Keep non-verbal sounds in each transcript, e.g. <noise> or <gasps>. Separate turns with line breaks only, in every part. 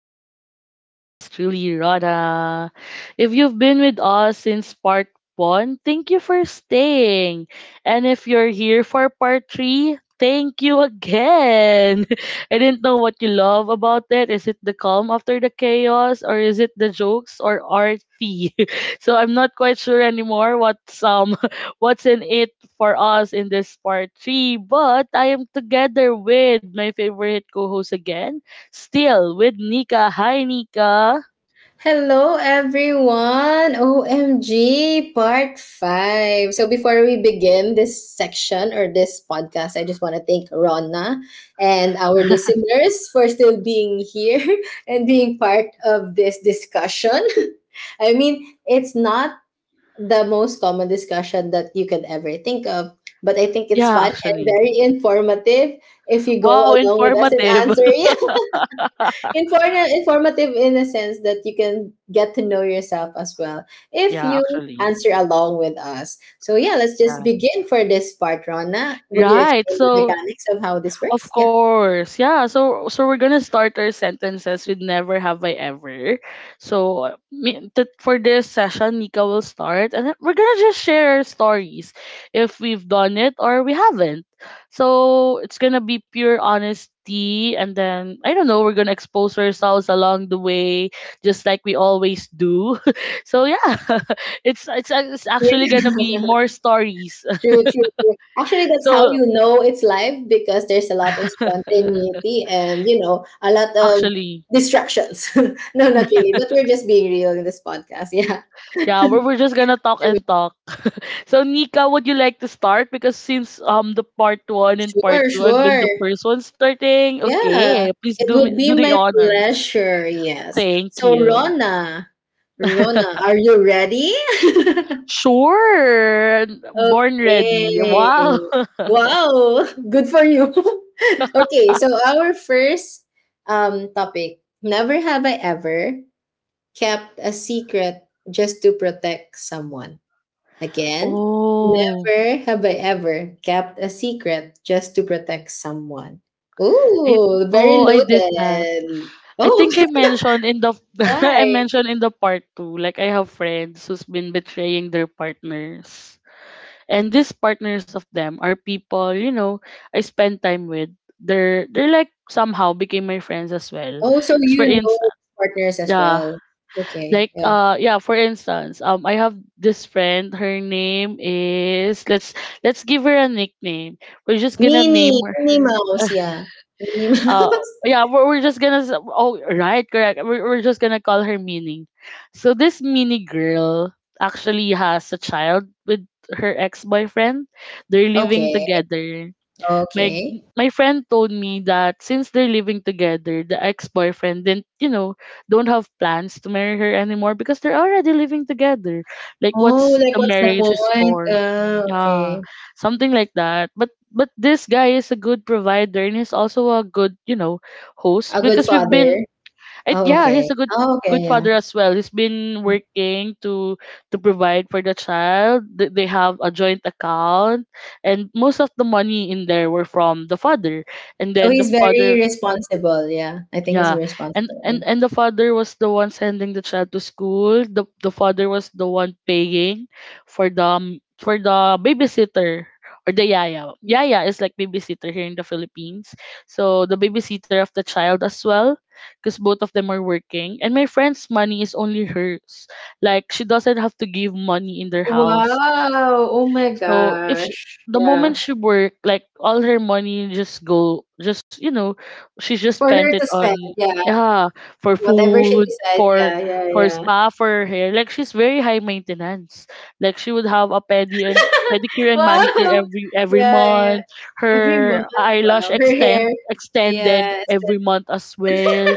the Talk with yours truly, Rana. If you've been with us since part one, thank you for staying. And if you're here for part three, thank you again. <laughs> I didn't know what you love about it. Is it the calm after the chaos, or is it the jokes or arty? <laughs> So I'm not quite sure anymore what's <laughs> what's in it for us in this part three. But I am together with my favorite co host again, still with Nika. Hi, Nika.
Hello, everyone. OMG, part five. So, before we begin this section or this podcast, I just want to thank Ronna and our listeners for still being here <laughs> and being part of this discussion. <laughs> I mean, it's not the most common discussion that you can ever think of, but I think it's
Yeah,
fun and
actually.
very informative if you go
Wow,
along with us and
informative.
answer. <laughs>
<laughs>
Informative in a sense that you can get to know yourself as well if you
yeah, actually.
answer along with us. So yeah, let's just
Yeah.
begin for this part, Rona. Would you
Right.
explain the
So
mechanics of how this works?
of
Yeah.
course. Yeah. So we're gonna start our sentences with never have I ever. So for this session, Nika will start, and then we're gonna just share our stories, if we've done it or we haven't. So it's gonna be pure honesty, and then I don't know. We're gonna expose ourselves along the way, just like we always do. <laughs> so yeah, <laughs> it's actually
Yeah.
gonna be more stories.
<laughs>
<laughs>
True, true, true. Actually, that's how
so
you know it's live because there's a lot of
<laughs>
spontaneity and a lot of
actually.
distractions. <laughs> No, not really, but we're just being real in this podcast. Yeah.
Yeah, we're just gonna talk and talk. So Nika, would you like to start? Because since the part one and part
Sure,
two, I've been
sure.
the first one starting.
Yeah,
Okay, please
it would
do
be
the
my
honors.
pleasure. Yes.
Thank
So,
you.
Rona,
<laughs>
are you ready? <laughs>
sure, born ready.
Okay.
Wow. <laughs>
Wow, <laughs> good for you. <laughs> Okay, so our first topic, never have I ever kept a secret just to protect someone. Again,
Oh,
never have I ever kept a secret just to protect someone.
I
Ooh, very
oh I did that.
loaded.
I
Oh,
think I
<laughs>
mentioned in the <laughs> I
why?
mentioned in the part two, like I have friends who's been betraying their partners. And these partners of them are people you know I spend time with. They're like somehow became my friends as well.
Oh, so
'Cause for
you know
instance,
partners as
yeah,
well. Okay,
like
yeah.
yeah, for instance, I have this friend. Her name is let's give her a nickname. We're just gonna name
Minnie,
her.
Minnie Mouse, yeah. Minnie <laughs>
Uh
Mouse.
yeah, we're just gonna s- oh right correct. We're just gonna call her Mini. So this Mini girl actually has a child with her ex boyfriend. They're living
Okay,
together. My
okay.
my friend told me that since they're living together, the ex-boyfriend didn't, you know, don't have plans to marry her anymore because they're already living together. Like
Oh,
what's
like
the
what's the
marriage is
point?
for? Yeah,
Okay.
something like that. But this guy is a good provider and he's also a good, you know, host
A good
because we've been
father.
it,
Oh,
yeah,
okay.
he's a good
Oh, okay,
good
yeah.
father as well. He's been working to provide for the child. They have a joint account, and most of the money in there were from the father. And
So
then the
he's
father,
very responsible, yeah. I think he's
yeah, and
responsible, yeah.
and and the father was the one sending the child to school. The father was the one paying for the babysitter or the yaya. Yaya is like babysitter here in the Philippines. So the babysitter of the child as well, because both of them are working. And my friend's money is only hers. Like she doesn't have to give money in their house.
Wow! Oh my
So if she,
gosh.
the
Yeah.
moment she worked, like all her money just go, just you know, she just
It's for
spent it
her to
on
spend, yeah.
yeah for
Whatever she
food,
decides. Yeah, yeah,
for
yeah.
spa, for her hair. Like she's very high maintenance. Like she would have a pedi and
<laughs>
pedicure and manicure
Wow!
every
Yeah, yeah.
month.
Every month,
Her eyelash
wow. Her
extend
hair.
extended
Yes.
every month as well.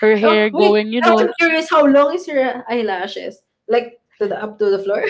Her
Oh,
hair
wait.
going, you
Now
know.
I'm curious, how long is her eyelashes? Like to the up to the floor?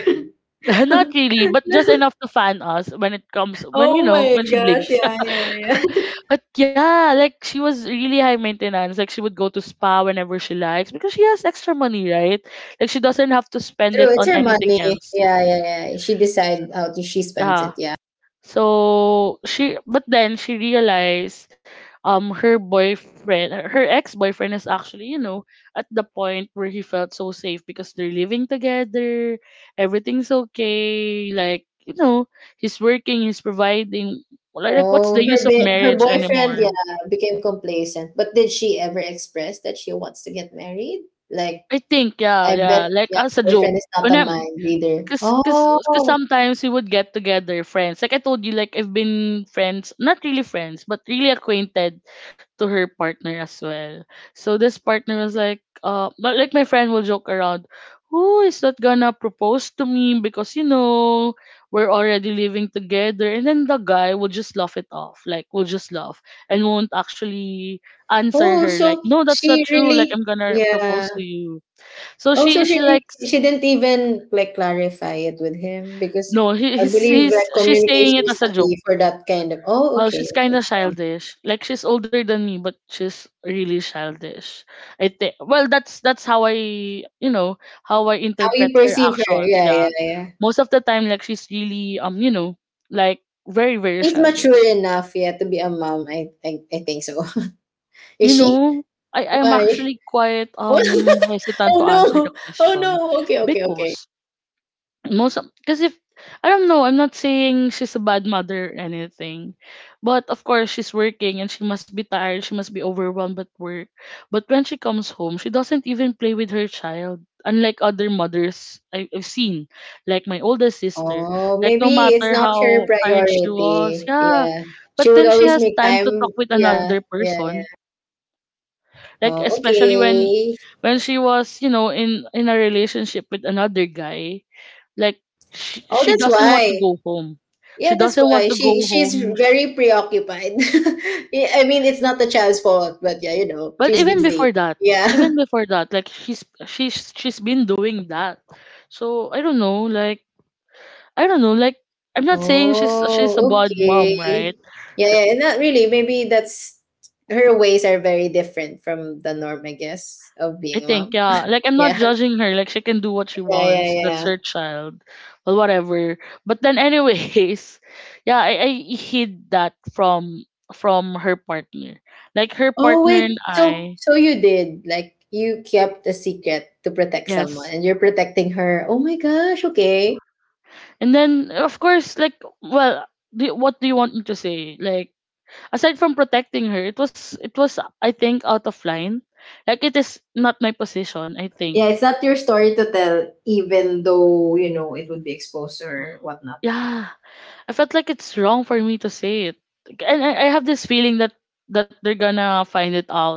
<laughs> Not
<laughs>
really, but just enough to fan us when it comes when you
Oh
know
my
when she
gosh,
blinks. <laughs>
yeah, yeah, yeah.
But yeah, like she was really high maintenance. Like she would go to spa whenever she likes because she has extra money, right? Like she doesn't have to spend
True,
it
it's
on
her
anything
money.
else.
Yeah, yeah, yeah. She decide how she spends
Yeah.
it. Yeah.
So she but then she realized her ex-boyfriend is actually, you know, at the point where he felt so safe because they're living together, everything's okay, like, you know, he's working, he's providing like what's
Oh,
the use of
her
marriage
boyfriend,
anymore?
yeah, became complacent. But did she ever express that she wants to get married? Like,
I think, yeah,
I
yeah,
bet,
like
yeah,
as a joke.
boyfriend is not
When
a
I'm,
mind reader.
cause, cause, cause,
Oh,
sometimes we would get together, friends. Like I told you, like I've been friends, not really friends, but really acquainted to her partner as well. So this partner was like, but like my friend will joke around, who is not gonna propose to me because you know we're already living together, and then the guy will just laugh it off, like will just laugh and won't actually answer
oh,
her, like,
so
no, that's not
she
true. Like
really,
I'm gonna
yeah.
propose to you so
Oh,
she
so she
she likes
she didn't even like clarify it with him because
no, he,
I
he's
believe
he's
that
she's saying
communication
it
is
as a
the
joke.
key for that kind of. Oh,
Well,
okay,
she's kind
okay.
of childish. Like she's older than me, but she's really childish. I think. Well, that's how I you know how I
How you
interpret her
perceive her?
actions.
Yeah, yeah,
Yeah,
yeah.
most of the time, like she's really you know like very
He's mature
childish.
enough, yeah, to be a mom. I think so. <laughs>
You
Is she?
know, I'm
Why?
actually
<laughs>
quite
Oh,
hesitant
oh
to answer the
no. Oh
question
no. Okay, okay, okay.
because most because if I don't know, I'm not saying she's a bad mother or anything. But of course she's working and she must be tired, she must be overwhelmed at work. But when she comes home, she doesn't even play with her child. Unlike other mothers I've seen, like my oldest sister,
Oh,
like no
maybe it's
matter
not her
how tired she was,
priority.
yeah.
Yeah. She
But
would
then she
always
has
make
time to talk
time.
with
Yeah.
another
Yeah,
person.
yeah.
Like
Oh,
especially
okay.
when she was, you know, in a relationship with another guy, like
Oh,
she
that's
doesn't want to
why.
go home. She
Yeah, that's
doesn't want
why.
to
She
go
she's
home.
very preoccupied. <laughs> Yeah, I mean, it's not the child's fault, but yeah, you know,
But
she's busy. Yeah.
even
<laughs>
before that, like she's she's been doing that. So I don't know, like I don't know, like I'm not saying she's a
Oh,
bad
okay.
mom, right?
Yeah,
Her-
yeah, not really. Maybe that's her ways are very different from the norm, I guess, of
I
being a
think
mom.
yeah, like I'm not
Yeah,
judging her. Like she can do what she
<laughs> yeah,
wants.
yeah,
That's
yeah.
her child, well whatever. But then anyways, <laughs> yeah, I hid that from her partner. Like her
Oh
partner
wait,
and
so
I,
so you did like you kept a secret to protect someone,
yes,
and you're protecting her. Oh my gosh, okay.
and then, of course, like, well, what do you want me to say? Like, aside from protecting her, it was, I think, out of line. Like, it is not my position. I think,
Yeah, it's not your story to tell, even though you know it would be exposed or whatnot.
yeah, I felt like it's wrong for me to say it. And I have this feeling that that they're gonna find it out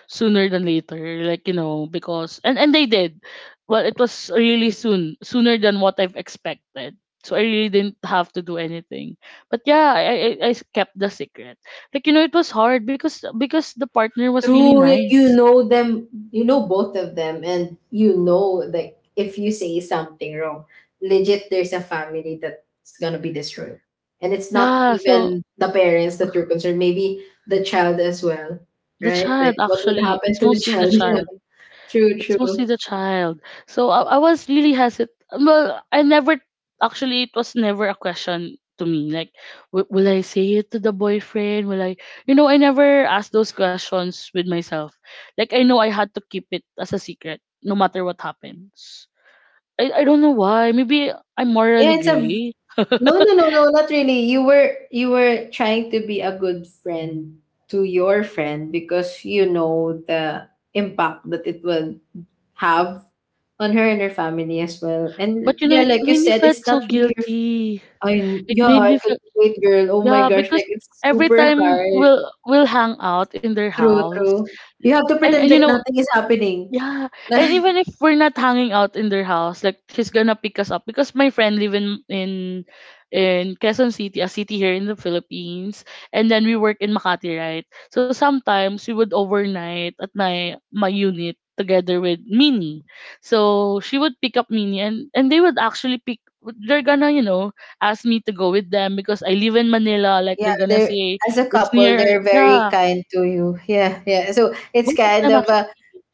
sooner than later. Like, you know, because and they did. Well, it was really soon, sooner than what I've expected. So I really didn't have to do anything. But yeah, I kept the secret. Like, you know, it was hard because the partner was really
True, like you
nice.
know them, you know both of them, and you know like if you say something wrong, legit there's a family that's gonna be destroyed. And it's not
Yeah, so
even the parents that you're concerned, maybe the child as well,
the
right?
child
Like what would
actually,
happen
it's
to the
mostly the
child? <laughs>
child.
Yeah. True,
It's
true.
mostly the child. So I was really hesitant. Well, I never actually it was never a question to me like will I say it to the boyfriend? Will I you know, I never asked those questions with myself. Like I know I had to keep it as a secret no matter what happens. I don't know why. Maybe I'm
Yeah,
morally gray.
no, no,
<laughs>
no, no, not really. You were trying to be a good friend to your friend because you know the impact that it will have on her and her family as well. And
But you know,
yeah,
it
like you
made me
said,
felt
it's
so
not really your.
guilty.
I mean,
It
yeah,
made
I
me
could
feel
wait, girl. Oh my
yeah,
gosh,
because
like it's
every
super
time
hard.
we'll hang
It's
out in their
true,
house,
true. You have to
and
pretend
you
like
know,
nothing is happening. <laughs>
Yeah, and
Like
even if we're not hanging out in their house, like she's gonna pick us up because my friend live in in Quezon City, a city here in the Philippines, and then we work in Makati, right? So sometimes we would overnight at my unit together with Mini. So she would pick up Mini, and they would actually pick. They're gonna you know ask me to go with them because I live in Manila. Like
yeah,
they're gonna
they're
say
as a
it's
couple,
near.
they're very
Yeah,
kind to you. Yeah, yeah. So
both
it's
of them
kind of
actually.
a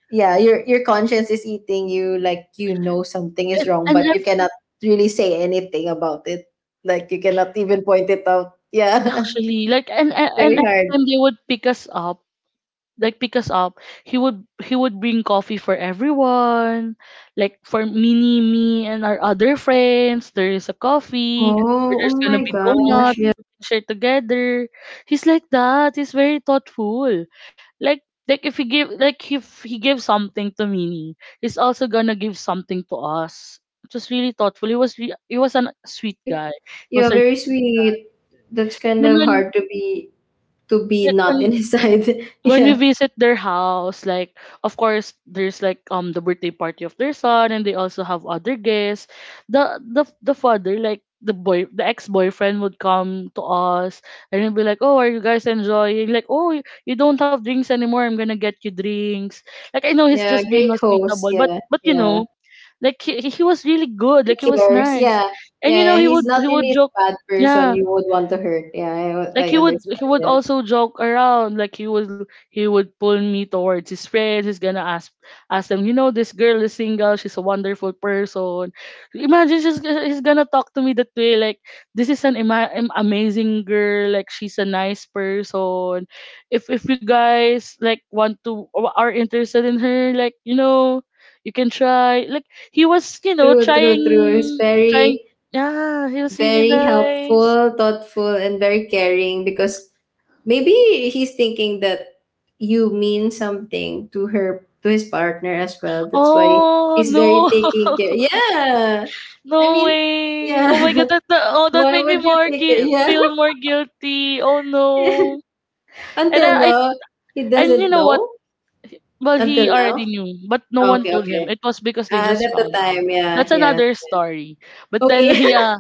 yeah, your conscience is eating you. Like you know something is wrong,
And
but you cannot really say anything about it. Like you cannot even point it out. Yeah, <laughs>
actually like and
very
every
hard.
time they would pick us up like pick us up he would bring coffee for everyone like for mini me and our other friends there is a coffee or
Oh, oh
there's gonna
my
be
gosh.
donuts
Yeah,
we can share together he's like that he's very thoughtful like like if he give like if he gives something to mini he's also gonna give something to us it was really thoughtful he was a sweet
very,
guy he
yeah,
was a
very sweet. That's kind of
when
hard to be not
when
inside. <laughs>
when we
Yeah.
visit their house, like of course there's like the birthday party of their son and they also have other guests. The father, like the ex boyfriend would come to us and he'll be like, oh, are you guys enjoying? Like, oh you don't have drinks anymore, I'm gonna get you drinks. Like I know he's
Yeah,
just being
great host.
hospitable,
Yeah.
but you
Yeah.
know, like he he was really good,
He
like he was
cares.
nice.
Yeah.
And you know
Yeah, he's not
he would
really a
joke,
bad person
yeah,
you would want to hurt. Yeah, I
like he
understand.
would
Yeah.
also joke around. Like he would pull me towards his friends. He's gonna ask them, you know, this girl is single, she's a wonderful person. Imagine, she's, he's gonna talk to me that way, like this is an amazing girl, like she's a nice person. If you guys like want to or are interested in her, like you know, you can try. Like he was, you know,
True, true, true. He's
trying,
very
yeah, he was really
Very
nice.
helpful, thoughtful, and very caring because maybe he's thinking that you mean something to her to his partner as well. That's why
Oh
he's very
no!
taking care. Yeah. I
No
mean,
way! Oh my
yeah.
God, that oh
<laughs>
that
Why
made me
would you take it?
feel more guilty. Oh
Yeah.
no!
<laughs>
And
Until
I,
now, he
and you
doesn't
know what?
know.
Well, he
Until
already
now.
knew, but no one
Okay,
told him.
okay.
It was because they
At
just
the
found out.
time, yeah,
That's
yeah.
another story. But then <laughs>
Okay.
yeah,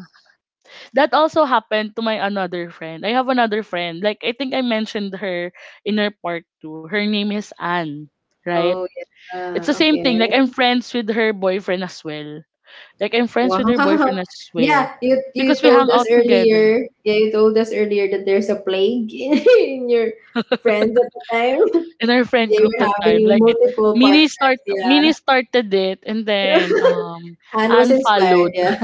that also happened to my another friend. I have another friend. Like I think I mentioned her in our part two. Her name is Anne,
<laughs>
right?
Oh yeah.
It's the same thing.
Okay.
Like I'm friends with her boyfriend as well. Like I'm friends
Wow.
with her boyfriend
<laughs>
as well
Yeah, you
because
you
we hang
told us
out together
earlier. Yeah, you told us earlier that there's a plague <laughs> in your friends at the time. <laughs>
in our friend
They
group
were
that time. Like
having
it,
multiple
Mini start
partners. Yeah.
Mini started it, and then
<laughs> Anne was
Anne.
inspired.
<laughs>
Yeah.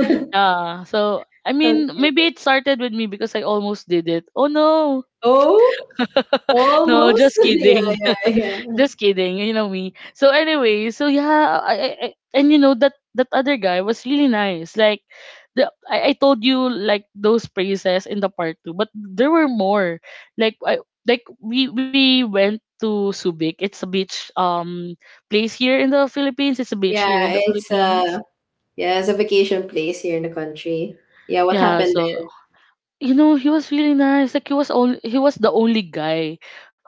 <laughs>
Yeah. So I mean maybe
Okay.
it started with me because I almost did it. Oh no.
Oh,
<laughs> No,
almost.
just
<laughs> Yeah,
kidding.
yeah, yeah.
Just kidding, you know me. So anyway, so yeah, I, and you know that that other guy was really nice. Like the I told you like those praises in the part two, but there were more. Like I, like we went to Subic. It's a beach place here in the Philippines. It's a beach
Yeah,
here in the
it's
Philippines.
uh yeah, it's a vacation place here in the country. Yeah, what
Yeah,
happened
so
then?
you know he was really nice. Like he was the only guy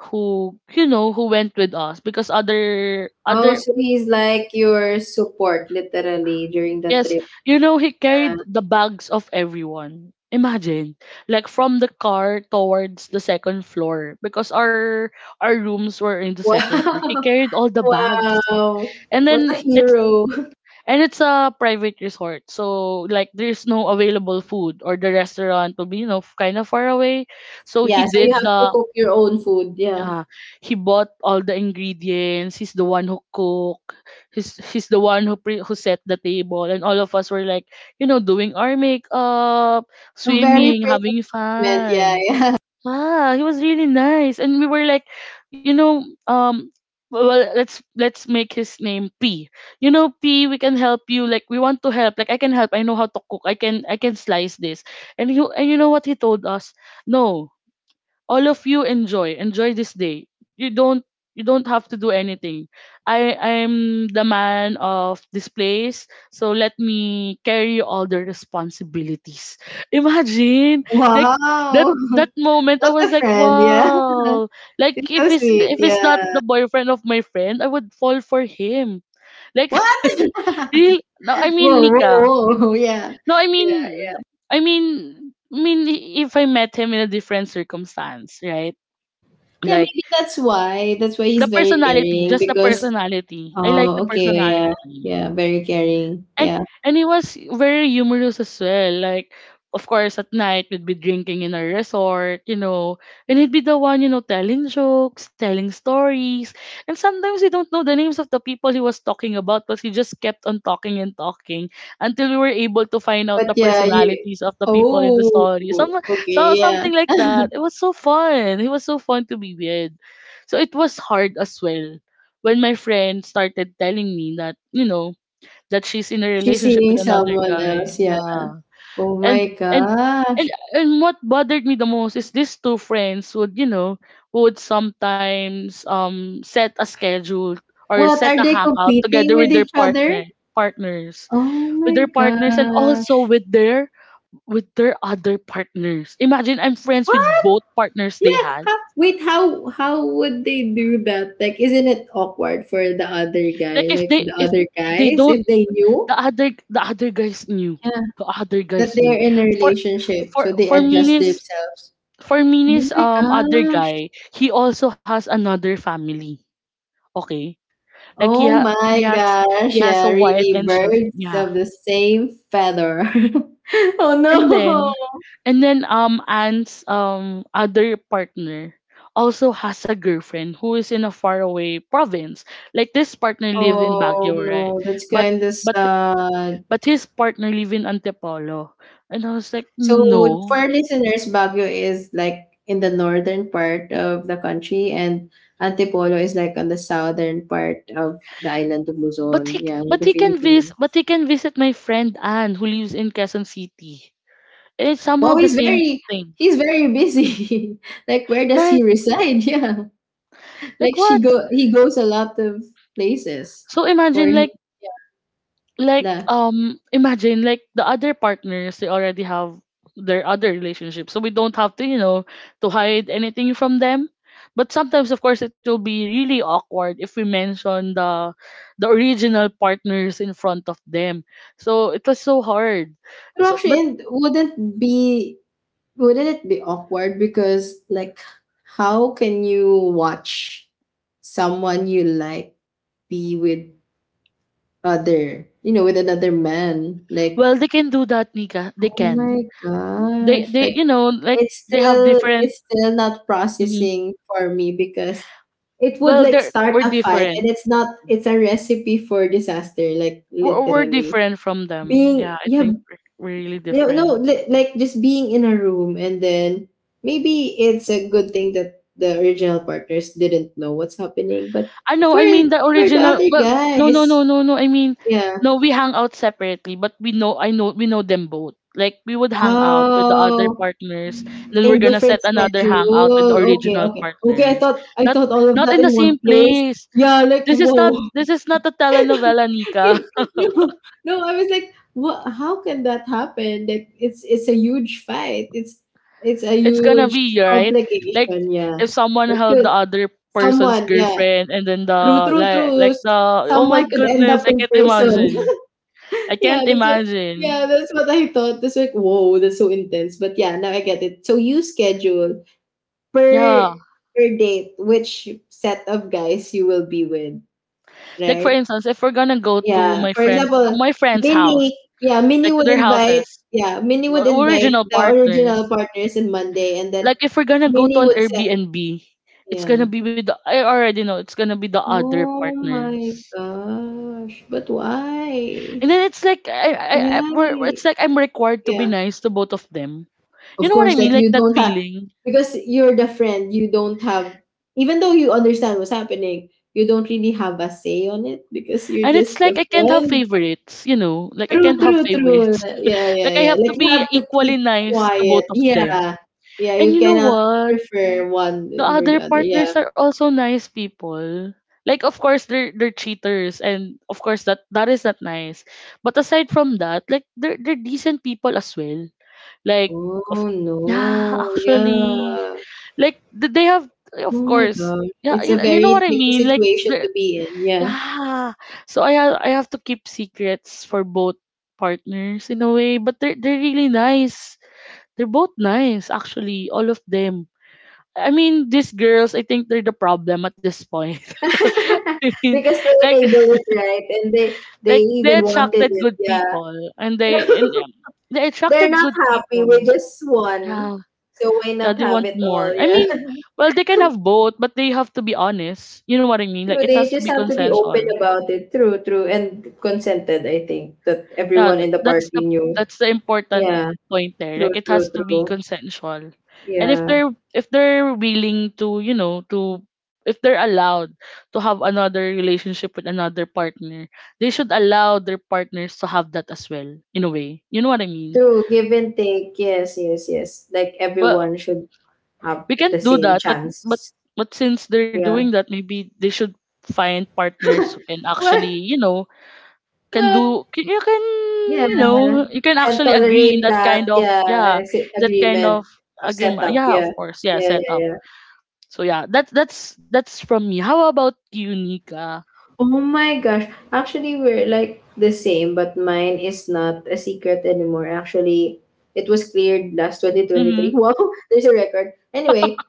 who, you know, who went with us because other
Oh,
other
so he's like your support literally during that
Yes,
trip.
you know, he
Yeah.
carried the bags of everyone. Imagine, like from the car towards the second floor, because our rooms were in the
<laughs>
second floor. He
Wow.
carried all the bags.
Wow,
And
what a
then it's
hero. <laughs>
and it's a private resort, so like there's no available food, or the restaurant will be, you know, kind of far away. So he
Yeah, so you have
did
to
the
cook your own food, yeah.
yeah, he bought all the ingredients. He's the one who cook. He's the one who who set the table, and all of us were like, you know, doing our makeup,
Very
swimming,
princess
having
moment, yeah,
fun.
yeah.
Ah, he was really nice, and we were like, you know, well, let's make his name P. You know, P, we can help you. Like we want to help. Like I can help. I know how to cook. I can slice this. And you know what he told us? No, all of you enjoy this day. You don't, you don't have to do anything. I'm the man of this place, so let me carry all the responsibilities. <laughs> Imagine,
<laughs>
like that
Wow,
that
<laughs>
moment I
what a
was like,
friend, yeah. <laughs>
wow. Like
It's so
if
sweet,
it's not the
yeah.
boyfriend of my friend, I would fall for him, like.
What?
<laughs>
<laughs>
Real. No, I mean,
Whoa,
Nika,
whoa, whoa, <laughs> yeah.
no I
Yeah.
mean, i mean I mean, if I met him in a different circumstance, right?
Yeah,
Like.
maybe that's why. That's why
The
he's very
personality,
caring
just the
because
personality. I like the
oh okay, yeah.
personality.
Yeah, very caring.
and
Yeah.
and he was very humorous as well. Like, of course, at night we'd be drinking in a resort, you know, and he'd be the one, you know, telling jokes, telling stories. And sometimes we don't know the names of the people he was talking about, but he just kept on talking and talking until we were able to find out
But
the
yeah, you
personalities of the people in the
oh
story. Some,
okay,
so
yeah.
something like that. It was so fun. He was so fun to be with. So it was hard as well when my friend started telling me that, you know, that she's in a
She's
relationship
seeing
with another
someone
guy.
else, yeah.
Yeah.
Oh
And
my
and
gosh.
and and what bothered me the most is these two friends would, you know, would sometimes set a schedule, or
What
set
are
a
they
hangout
competing
together
with
with their
each other?
partners,
Oh my
with their partners, and also
gosh.
with their, with their other partners. Imagine, I'm friends with
What?
both partners they
Yeah.
had.
How, wait, how would they do that? Like isn't it awkward for the other
Like
guy, like the
if
other
they
guys
don't,
if they knew
the other guys knew.
yeah
the other
that
guys knew
they're in a
for
relationship
for
so they
for me
adjust
means,
themselves.
for
Oh
Minnie's
my
other
gosh.
guy, he also has another family. Okay? Like
Oh
he
my
has, he
gosh.
has
Yeah,
a wife
really
and children.
birds
Yeah.
of the same feather. <laughs> Oh
And then
no.
and then Anne's other partner also has a girlfriend who is in a faraway province. Like this partner lived in
Oh
Baguio, right?
no, that's
But
kind of
but
sad.
but his partner live in Antipolo. And I was like,
So for
no.
our listeners, Baguio is like in the northern part of the country, and Antipolo is like on the southern part of the island of
But
Luzon,
he
yeah, in
but
the
he can
Philippines.
visit, but he can visit my friend Anne who lives in Quezon City. It's somehow
Wow,
the same thing,
he's very busy. <laughs> Like where does he
right?
reside? <laughs> Yeah.
Like
Like she
what?
go he goes a lot of places
So
for
imagine
him.
like,
Yeah.
imagine like the other partners, they already have their other relationships, so we don't have to, you know, to hide anything from them. But sometimes, of course, it will be really awkward if we mention the original partners in front of them. So it was so hard.
But
So
actually,
but
and wouldn't be wouldn't it be awkward because, like, how can you watch someone you like be with other, you know, with another man? Like,
Well, they can do that, Nika. They
oh
can.
my
They
gosh,
they
like
you know, like they have different.
it's still not
Mhm.
processing for me because it would
Well,
like
they're
start
we're
a fight
different,
and it's not, it's a recipe for disaster, like
we're
literally.
different from them. Yeah,
Being
I
yeah,
think we're really
yeah, no,
different.
like just being in a room and then maybe it's a good thing that the original partners didn't know what's happening, but
I know,
for
I mean the
for the
original,
other
well, no no no
guys,
no no I mean,
yeah.
no, we hang out separately, but we know, I know, we know them both. Like we would hang out with the other
Oh,
partners, then we're
in
gonna
different
set another hangout with the
schedule. Okay,
original
okay. Okay,
partners.
I
Not
thought all of
Not in
that
the
in
same
one place.
place.
Yeah, like whoa.
This is not a telenovela, Nika.
<laughs> No, no, I was like, what how can that happen? Like it's a huge fight. It's a
It's gonna
huge
be right, like
complication, yeah.
if someone
It
held
could
the other person's
someone, yeah.
girlfriend and then
True,
the
true,
like
true.
the, oh my
Someone could end
goodness,
up
i
in
can't
prison.
imagine
<laughs>
i
Yeah,
can't imagine
that's what I thought. That's like, whoa, that's so intense. But yeah, now I get it. So you schedule per
Yeah,
per date which set of guys you will be with,
like for
right?
instance if we're gonna go to
Yeah.
my
For
friends to
example,
my friend's house,
Minnie, yeah,
like to their houses,
Minnie would invite
original
the original
partners.
partners in Monday and then
Like if we're gonna go to
Minnie
an
would set
Airbnb, it's gonna
yeah.
be with the, I already know it's gonna be the other
Oh
partner.
my gosh. But why?
And then it's like it's
Yeah,
like I'm required to be
yeah.
nice to both of them. You
Of
know what
course,
I
like
mean? Like
you
that
don't have
feeling.
because you're the friend, you don't have even though you understand what's happening, you don't really have a say on it because you're
And it's
just
like
the
I can't have
friend.
favorites, you know? Like I
True,
can't have
true, true.
favorites.
Yeah,
<laughs>
yeah,
Like I
yeah.
have to
Like you
be
have to
equally
keep
nice to
quiet.
both of them.
Yeah. Yeah,
And
you
you know
cannot
what?
prefer one
The
over the
other
other. Yeah.
partners are also nice people. Like of course they're cheaters, and of course that is not nice. But aside from that, like they're decent people as well. Like of,
Oh
yeah,
no.
actually,
Yeah.
like they have,
Oh
of
my
course,
gosh.
yeah,
It's a
you know what
very
I
tricky
mean, like
situation
they.
to be in. Yeah.
Yeah. So I have to keep secrets for both partners in a way, but they're really nice. They're both nice actually, all of them. I mean, these girls, I think they're the problem at this point. <laughs>
<laughs>
I mean,
Because they
like
enable it, right? And they
like they
even wanted
attracted
it.
good
Yeah,
people, and they
<laughs>
and um, they
they're
attracted
not
good
happy with
people.
just one.
Yeah.
So why
Yeah,
not
they
have
want
it all?
more. I
Yeah,
mean,
<laughs>
well, they can have both, but they have to be honest. You know what I mean? Like
true.
it
They
has to
just
be
have to be open
consensual.
about it. True, true, and consented. I think that
Yeah,
everyone in the
that's
party
the,
knew.
that's the important
Yeah,
point there.
true,
Like it
true,
has to be
true.
consensual. And
Yeah,
if they're willing to, you know, to, if they're allowed to have another relationship with another partner, they should allow their partners to have that as well, in a way. You know what I mean?
true. Give and take. Yes, yes, yes. Like
Well,
everyone should have
we can't
the
do
same
that,
chance.
but since they're doing
Yeah.
that, maybe they should find partners who can
What?
actually, you know,
What?
you can,
Yeah,
you know, you can
can
actually agree in
tolerate
that
that,
kind of,
yeah,
yeah,
as
that kind
agreement
of
of
agreement,
setup,
yeah,
yeah.
of course, yeah,
Yeah, yeah,
set up.
yeah.
So yeah, that's that's from me. How about you, Nika?
Oh my gosh, actually we're like the same, but mine is not a secret anymore. Actually, it was cleared last
Mm-hmm.
2023. <laughs> Wow, there's a record.
<laughs>
Anyway,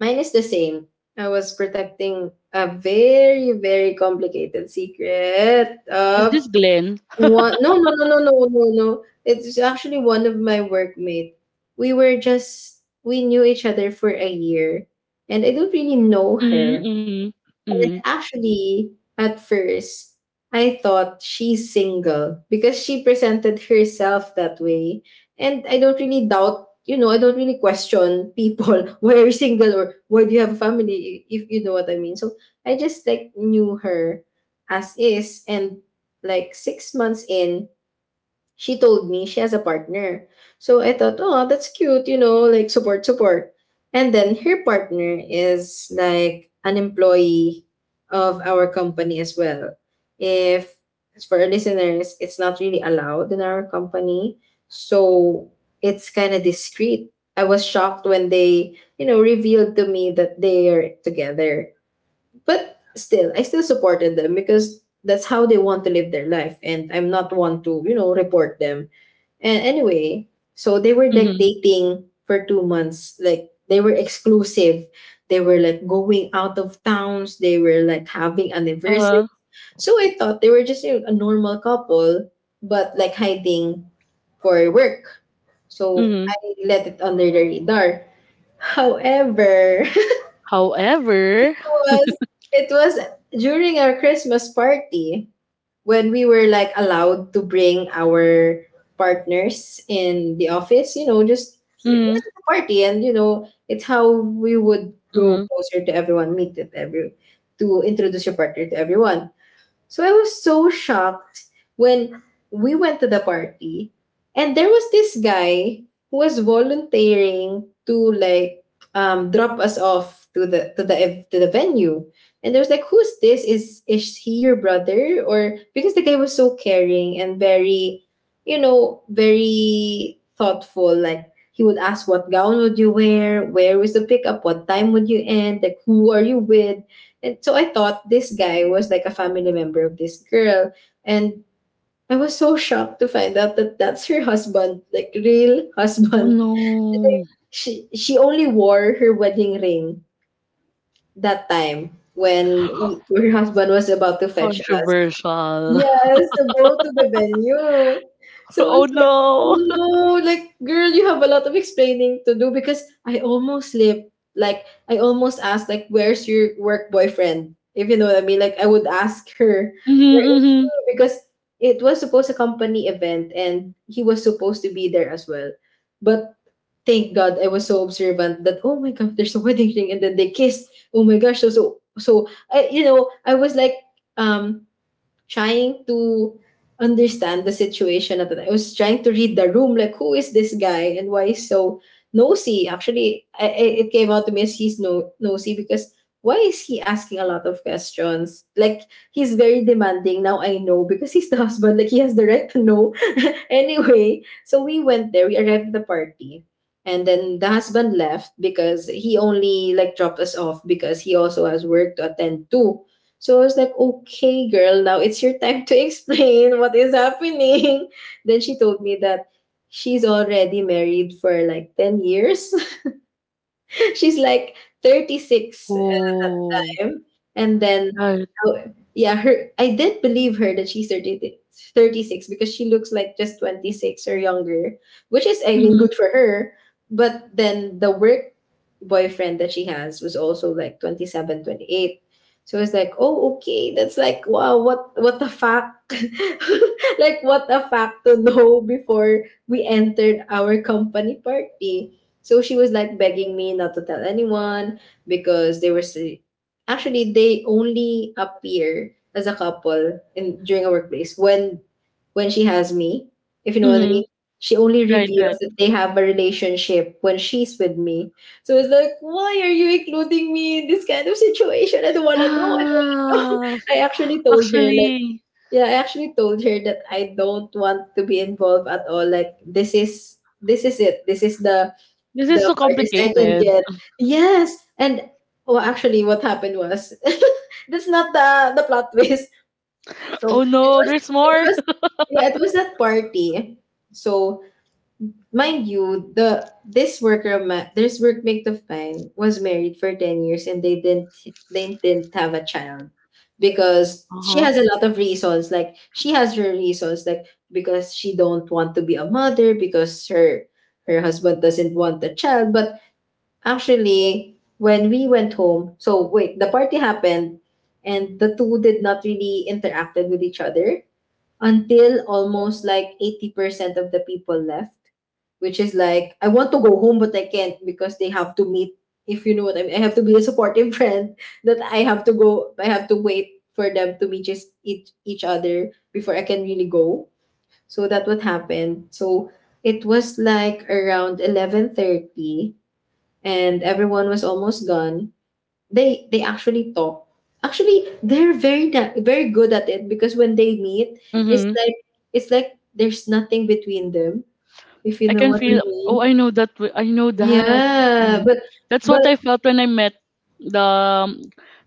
mine is the same. I was protecting a very, very complicated secret
Is
of
this Glenn?
What? No, no, no, no, no, no, no. It's actually one of my workmate. We were just we knew each other for a year, and I don't really know
Mm-hmm,
her.
mm-hmm,
And
mm-hmm,
actually, at first, I thought she's single because she presented herself that way, and I don't really doubt. You know, I don't really question people <laughs> why are you single or why do you have a family if you know what I mean. So I just like knew her as is, and like 6 months in, she told me she has a partner. So I thought, oh, that's cute, like support, support. And then her partner is like an employee of our company as well. If as for our listeners, it's not really allowed in our company. So it's kind of discreet. I was shocked when they, revealed to me that they are together. But still, I still supported them because that's how they want to live their life, and I'm not one to report them. And anyway, so they were like
mm-hmm,
dating for 2 months. Like they were exclusive. They were like going out of towns. They were like having anniversary.
uh-huh,
So I thought they were just a normal couple, but like hiding for work. So
mm-hmm.
I let it under the radar. However,
However.
<laughs> was it was during our Christmas party when we were like allowed to bring our partners in the office, just this
Mm-hmm,
is a party, and it's how we would go
mm-hmm.
closer to everyone, meet with every to introduce your partner to everyone. So I was so shocked when we went to the party, and there was this guy who was volunteering to like drop us off to the to the venue. And there was like who's this? Is he your brother? Or because the guy was so caring and very, very thoughtful. Like he would ask what gown would you wear, where was the pickup, what time would you end, like who are you with? And so I thought this guy was like a family member of this girl. And I was so shocked to find out that that's her husband, like real
Oh
husband. <laughs>
no.
And she only wore her wedding ring that time when we, her husband was about to fetch us.
Controversial.
Yes,
<laughs>
to go to the venue. So I
Oh
was like, oh
no.
no, like girl, you have a lot of explaining to do because I almost slipped. Like I almost asked, like, where's your work boyfriend? If you know what I mean. Like I would ask her,
<laughs> mm-hmm,
where is
mm-hmm.
he? Because it was supposed a company event, and he was supposed to be there as well. But thank God I was so observant that oh my god, there's a wedding ring, and then they kissed. Oh my gosh, so I was like um trying to understand the situation at the time. I was trying to read the room, like who is this guy and why is so nosy. Actually, it came out to me as he's no nosy because why is he asking a lot of questions? Like he's very demanding. Now I know because he's the <laughs> husband. Like he has the right to know. <laughs> Anyway, so we went there. We arrived at the party. And then the husband left because he only like dropped us off because he also has work to attend to. So I was like, okay, girl, now it's your time to <laughs> explain what is happening. Then she told me that she's already married for like 10 years. <laughs> <laughs> She's like 36 at that
Oh,
time. And then,
right.
oh, yeah, her I did believe her that she's 30, 36 because she looks like just 26 or younger, which is, I mean,
mm-hmm,
good for her. But then the work boyfriend that she has was also like 27, 28. So it's like, oh, okay, that's like, wow, what the fuck? <laughs> Like, what a fact to know before we entered our company party. So she was like begging me not to tell anyone because actually they only appear as a couple in during a workplace when she has me, if you know what I
mm-hmm.
mean. She only
Right, right.
reveals that they have a relationship when she's with me. So it's like, why are you including me in this kind of situation? I don't wanna know. I don't wanna know.
Ah,
<laughs> I actually told her like
actually,
yeah, I actually told her that I don't want to be involved at all. Like this is it. This is
this
the
is so
farthest I can
complicated.
get. Yes, and well, actually, what happened was <laughs> that's not the plot twist. So
Oh
it
no,
was
there's
it
more.
was
<laughs>
yeah it was that party. So mind you, the this workmate of mine was married for 10 years, and they didn't have a child because she
Uh-huh.
has a lot of reasons. Like she has her reasons, like because she don't want to be a mother because her husband doesn't want a child, but actually, when we went home, so wait, the party happened, and the two did not really interacted with each other until almost like 80% of the people left, which is like I want to go home but I can't because they have to meet if you know what I mean. I have to be a supportive <laughs> friend that I have to wait for them to meet just each other before I can really go. So that what happened. So it was like around 11:30, and everyone was almost gone they actually talk actually they're very good at it because when they meet it's
Mm-hmm.
like there's nothing between them if you
I
know
can
what I
feel. Oh, I
mean
know that. I know that.
yeah
Mm. That's what
but
I felt when I met the um,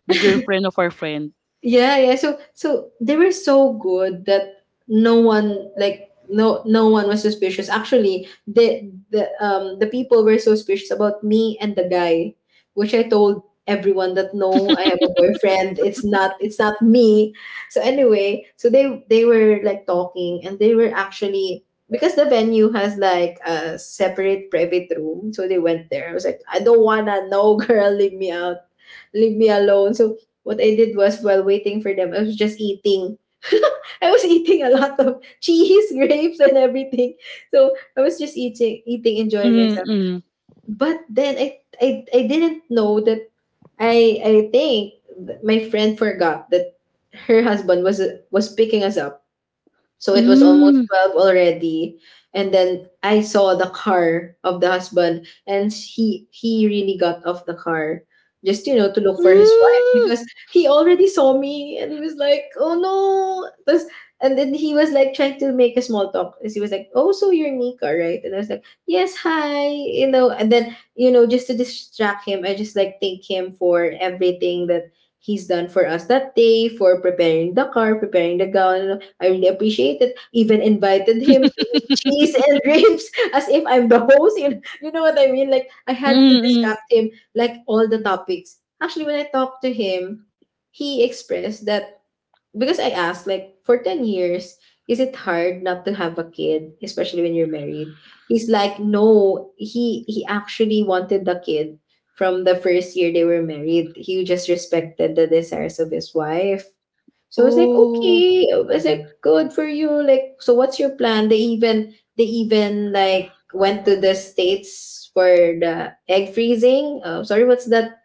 the girlfriend of our friend.
yeah, yeah. So so they were so good that no one like no one was suspicious. Actually, the people were so suspicious about me and the guy, which I told everyone that no, I have a boyfriend. It's not me. So anyway, so they were like talking, and they were actually because the venue has like a separate private room, so they went there. I was like, I don't wanna, no <laughs> girl, leave me alone. So what I did was while waiting for them, I was just eating. <laughs> I was eating a lot of cheese, <laughs> grapes, and everything. So I was just eating, enjoying myself.
Mm-mm.
But then I didn't know that I think my friend forgot that her husband was picking us up, so it was almost
Mm.
12 already. And then I saw the car of the husband, and he really got off the car just you know to look
Mm.
for his wife
Mm-mm.
because he already saw me, and he was like, "Oh no." And then he was like trying to make a small talk. As he was like, "Oh, so you're Nika, right?" And I was like, "Yes, hi." You know, and then you know just to distract him, I just like thank him for everything that he's done for us that day for preparing the car, preparing the gown, I really appreciate it. Even invited him to eat cheese and <laughs> grapes as if I'm the host. You know what I mean? Like I had to
<laughs>
distract him, like all the topics. Actually, when I talked to him, he expressed that because I asked, like, for 10 years, is it hard not to have a kid, especially when you're married? He's like, no, he actually wanted the kid from the first year they were married. He just respected the desires of his wife, so it's like,
Oh.
okay, it's like good for you. Like, so what's your plan? They even like went to the states for the egg freezing. Sorry, what's that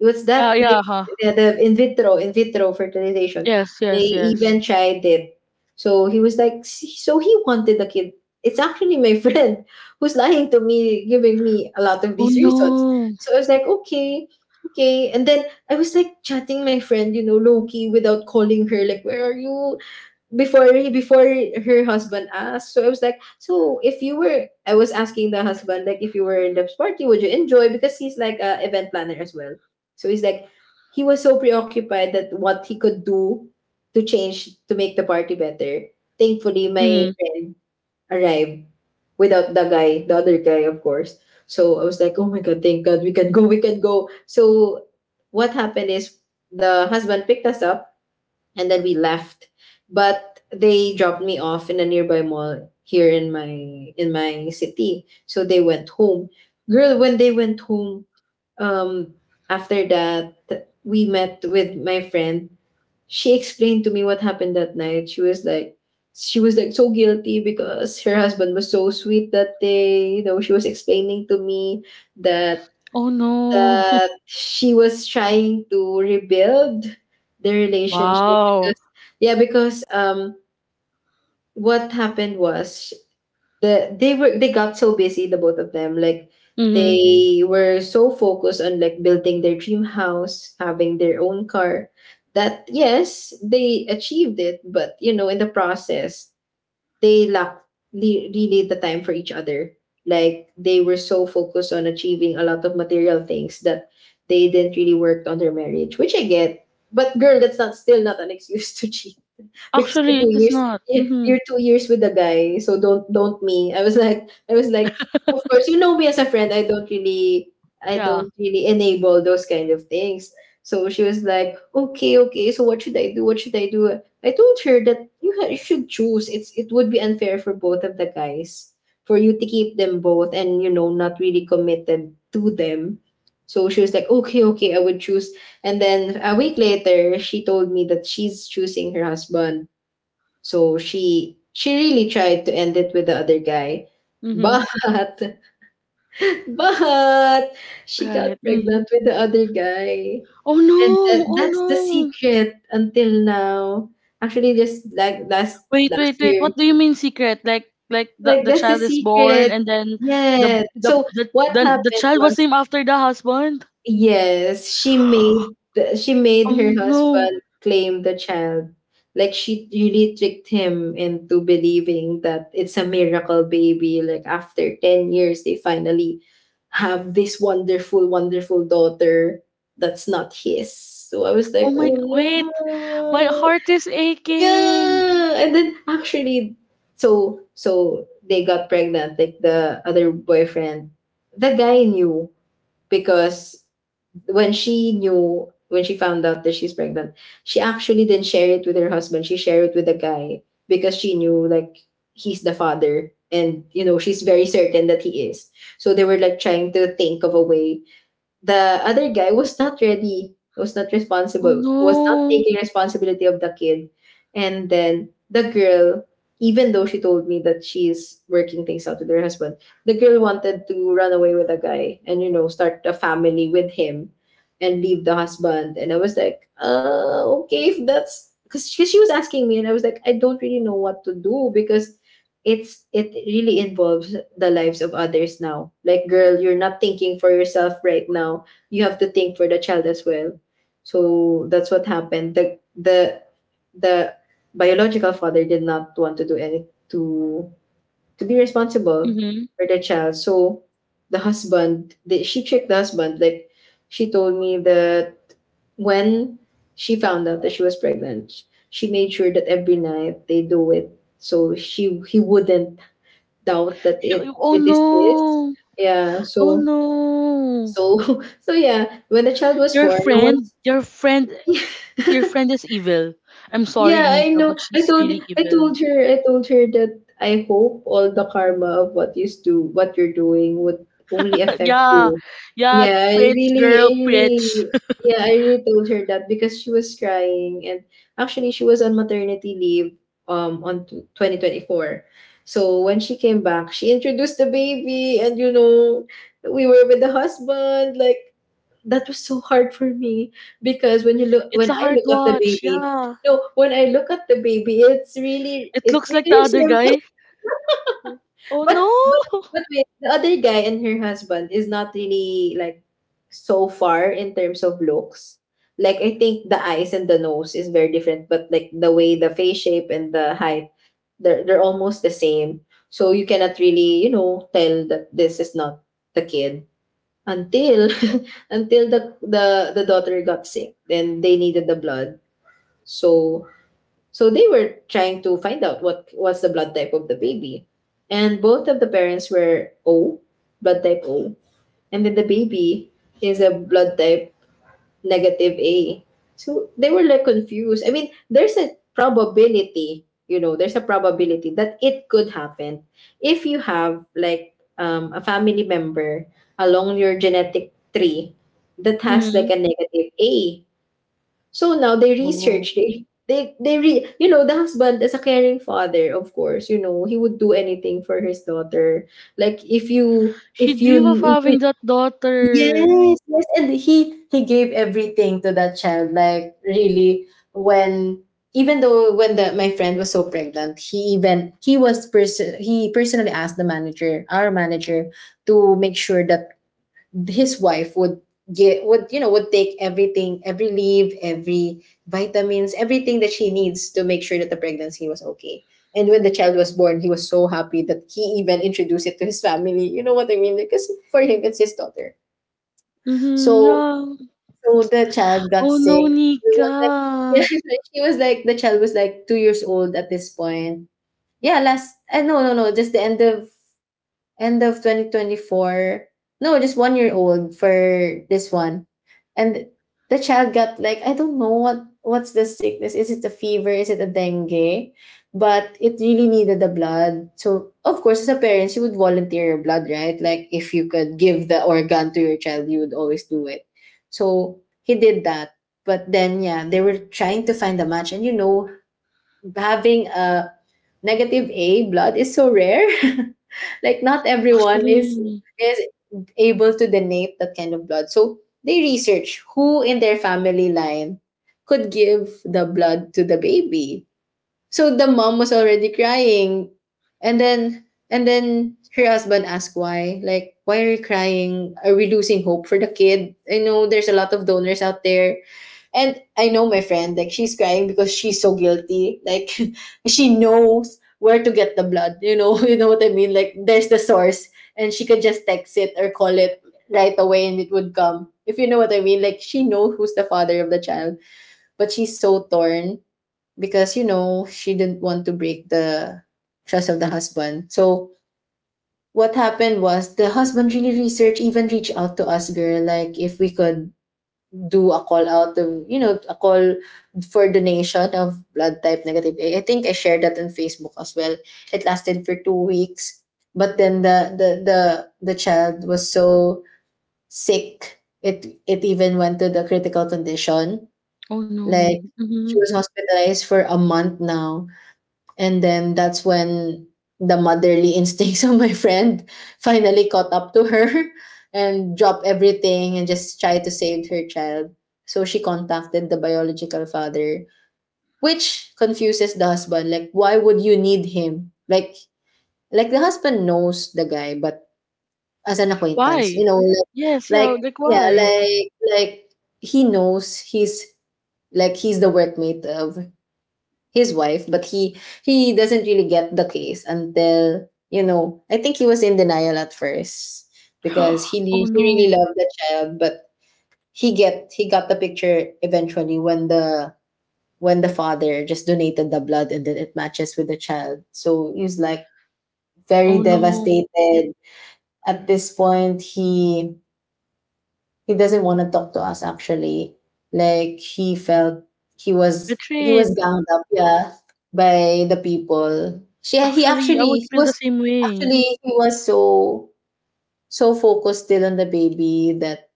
it was that
Yeah. Yeah.
like
Huh.
the in vitro fertilization.
Yes.
They
Yes. Yes.
even tried it. So he was like, "See, so he wanted the kid. It's actually my <laughs> friend who's lying to me, giving me a lot of
Oh
these reasons.
no.
So I was like, okay. And then I was like chatting my friend, you know, low key without calling her, like, where are you? Before her husband asked, so I was like, so if you were I was asking the husband, like, if you were in the party, would you enjoy, because he's like a event planner as well. So he's like, he was so preoccupied that what he could do to change, to make the party better. Thankfully my
Mm.
friend arrived, without the guy, the other guy of course. So I was like, oh my god, thank god, we can go, we can go. So what happened is, the husband picked us up and then we left. But they dropped me off in a nearby mall here in my city, so they went home. Girl, when they went home, um after that, we met with my friend. She explained to me what happened that night. She was like, she was like so guilty because her husband was so sweet that day, you know. She was explaining to me that,
Oh no. <laughs>
that she was trying to rebuild the relationship
Wow.
because, yeah, because what happened was, they got so busy, the both of them, like,
Mm-hmm.
they were so focused on like building their dream house, having their own car, that yes, they achieved it, but you know, in the process, they lack, really, the time for each other. Like they were so focused on achieving a lot of material things that they didn't really work on their marriage, which I get. But girl, that's not, still not an excuse <laughs> to cheat, because you're
Actually, it
two
is
years
not. Mhm.
you're 2 years with the guy, so don't me. I was like, of course you know me as a friend, I don't really, I
Yeah.
don't really enable those kind of things. So she was like, okay, okay. So what should I do? What should I do? I told her that, you you should choose. It would be unfair for both of the guys for you to keep them both and, you know, not really committed to them. So she was like, okay, okay, I would choose. And then a week later, she told me that she's choosing her husband. So she really tried to end it with the other guy,
Mhm.
but <laughs> but she got
Right. Mm.
pregnant with the other guy,
Oh no!
and that,
Oh
that's the
no!
secret until now. Actually, just like last
Wait,
last
wait, wait.
year,
What do you mean secret? Like
like
the
that's the
child is born
secret.
and then the
Yeah.
the
So
the
what
the
happened
child was
was,
named after the husband.
yes, she made
Oh
her
no!
husband claim the child. Like she really tricked him into believing that it's a miracle baby, like after 10 years, they finally have this wonderful, wonderful daughter that's not his. So I was like,
Oh my!
oh
Wait, my
no.
heart is aching.
Yeah, and then actually, so they got pregnant. Like the other boyfriend, the guy knew, because when she found out that she's pregnant, she actually didn't share it with her husband. She shared it with the guy, because she knew, like, he's the father, and you know, she's very certain that he is. So they were like trying to think of a way, the other guy was not ready, was not
Oh
responsible, was not
no!
taking responsibility of the kid. And then the girl, even though she told me that she's working things out with her husband, the girl wanted to run away with the guy and, you know, start a family with him and leave the husband. And I was like, okay, if that's, because she was asking me, and I was like, I don't really know what to do, because it's, it really involves the lives of others now. Like girl, you're not thinking for yourself right now. You have to think for the child as well. So that's what happened. The biological father did not want to do any, to be responsible
Mhm.
for the child. So she tricked the husband, like she told me that, when she found out that she was pregnant, she made sure that every night they do it, so she he wouldn't doubt that
You-
it
Oh
it is his.
no!
Yeah.
Oh
So
no!
so <laughs> so yeah, when the child was
Your
born, no
friend,
one's,
your friend,
<laughs>
your friend is evil. I'm sorry,
yeah, I
Nika, but
know. I
she's
told
really
I
evil.
told her I told her that I hope all the karma of what you do, what you're doing, would only
<laughs>
affect
Yeah,
you.
yeah,
Yeah, I
preach,
really I
girl, preach.
really yeah, I really told her that, because she was crying. And actually she was on maternity leave on 2024. So when she came back, she introduced the baby, and you know, we were with the husband, like that was so hard for me, because
<laughs> It's
when
a
I
hard
look at the
watch.
baby,
Yeah,
no, when I look at the baby, it's really,
it
it's
looks like the
really
other
simple.
guy. Oh
<laughs>
no.
But but
<laughs>
but wait, the other guy and her husband is not really, like, so far in terms of looks. Like I think the eyes and the nose is very different, but like the way the face shape and the height, they're almost the same. So you cannot really, you know, tell that this is not the kid. Until <laughs> until the daughter got sick, then they needed the blood. So they were trying to find out what was the blood type of the baby. And both of the parents were O, blood type O, and then the baby is a blood type negative A. So they were like confused. I mean, there's a probability, you know, there's a probability that it could happen, if you have like, a family member along your genetic tree that has
Mm.
like a negative A. So now they
Oh,
research, they re you know, the husband is a caring father, of course, you know, he would do anything for his daughter. Like if you
she
if you
dream of
if you
having that daughter.
yes, yes, and he gave everything to that child. Like really, when, even though when the, my friend was so pregnant, he personally asked the manager, our manager, to make sure that his wife would get would, you know, would take everything, every leave, every vitamins, everything that she needs, to make sure that the pregnancy was okay. And when the child was born, he was so happy that he even introduced it to his family. You know what I mean? Because for him, it's his daughter.
Mm-hmm,
So
yeah.
the child got
Oh no,
sick. It was like, <laughs>
Nika.
yeah, she was like, the child was like 2 years old at this point. Yeah, last no, just the end of 2024. No, just 1 year old for this one. And the child got like, I don't know what what's the sickness. Is it a fever? Is it a dengue? But it really needed the blood. So of course, as a parent, you would volunteer your blood, right? Like if you could give the organ to your child, you would always do it. So he did that. But then yeah, they were trying to find a match. And you know, having a negative A blood is so rare. <laughs> Like not everyone is
Actually,
is able to donate that kind of blood. So they research who in their family line could give the blood to the baby. So the mom was already crying, and then, and then her husband asked, why, like, why are you crying, are we losing hope for the kid, I know there's a lot of donors out there. And I know my friend, like she's crying because she's so guilty. Like <laughs> she knows where to get the blood. You know, <laughs> you know what I mean? Like there's the source, and she could just text it or call it right away and it would come. If you know what I mean, like she knows who's the father of the child, but she's so torn, because, you know, she didn't want to break the trust of the husband. So what happened was, the husband really researched, even reached out to us, girl, like if we could do a call out of, you know, a call for donation of blood type negative A. I think I shared that on Facebook as well. It lasted for 2 weeks, but then the child was so sick. It even went to the critical condition.
oh no.
Like
Mm-hmm.
she was hospitalized for a month now, and then that's when the motherly <laughs> instincts of my friend <laughs> finally caught up to her <laughs> and dropped everything and just tried to save her child. So she contacted the biological father, which confuses the husband. Like, why would you need him? Like the husband knows the guy, but as an acquaintance,
Why?
you know,
Yes, yeah,
like
like
yeah,
why?
like he knows he's, like he's the workmate of his wife, but he doesn't really get the case until, you know. I think he was in denial at first, because he
<gasps> Oh
re- he really
no,
loved the child, but he got the picture eventually, when the, when the father just donated the blood and then it matches with the child. So he's like very
oh no.
devastated at this point. He doesn't want to talk to us, actually. Like, he felt he was
Betrayed.
ganged up, yeah, by the people. She he
Actually, I would feel the same way.
actually he was so focused still on the baby that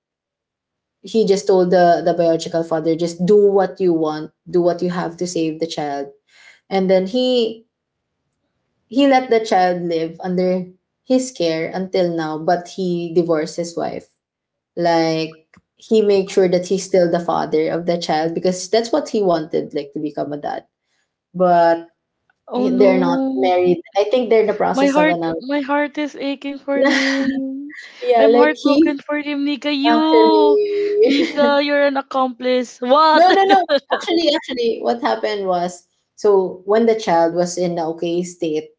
he just told the biological father, just do what you want, do what you have to, save the child. And then he let the child live under his care until now, but he divorced his wife. Like, he made sure that he's still the father of the child because that's what he wanted, like, to become a dad. But
Oh
they're not
no.
married. I think they're in the process of
My
announcing.
heart is aching for
<laughs>
him.
Yeah,
I'm
like, he
heartbroken for him, Nika. You,
actually
Nika, you're an accomplice.
<laughs>
What?
no, no, no.
<laughs>
Actually, what happened was, so, when the child was in the okay state,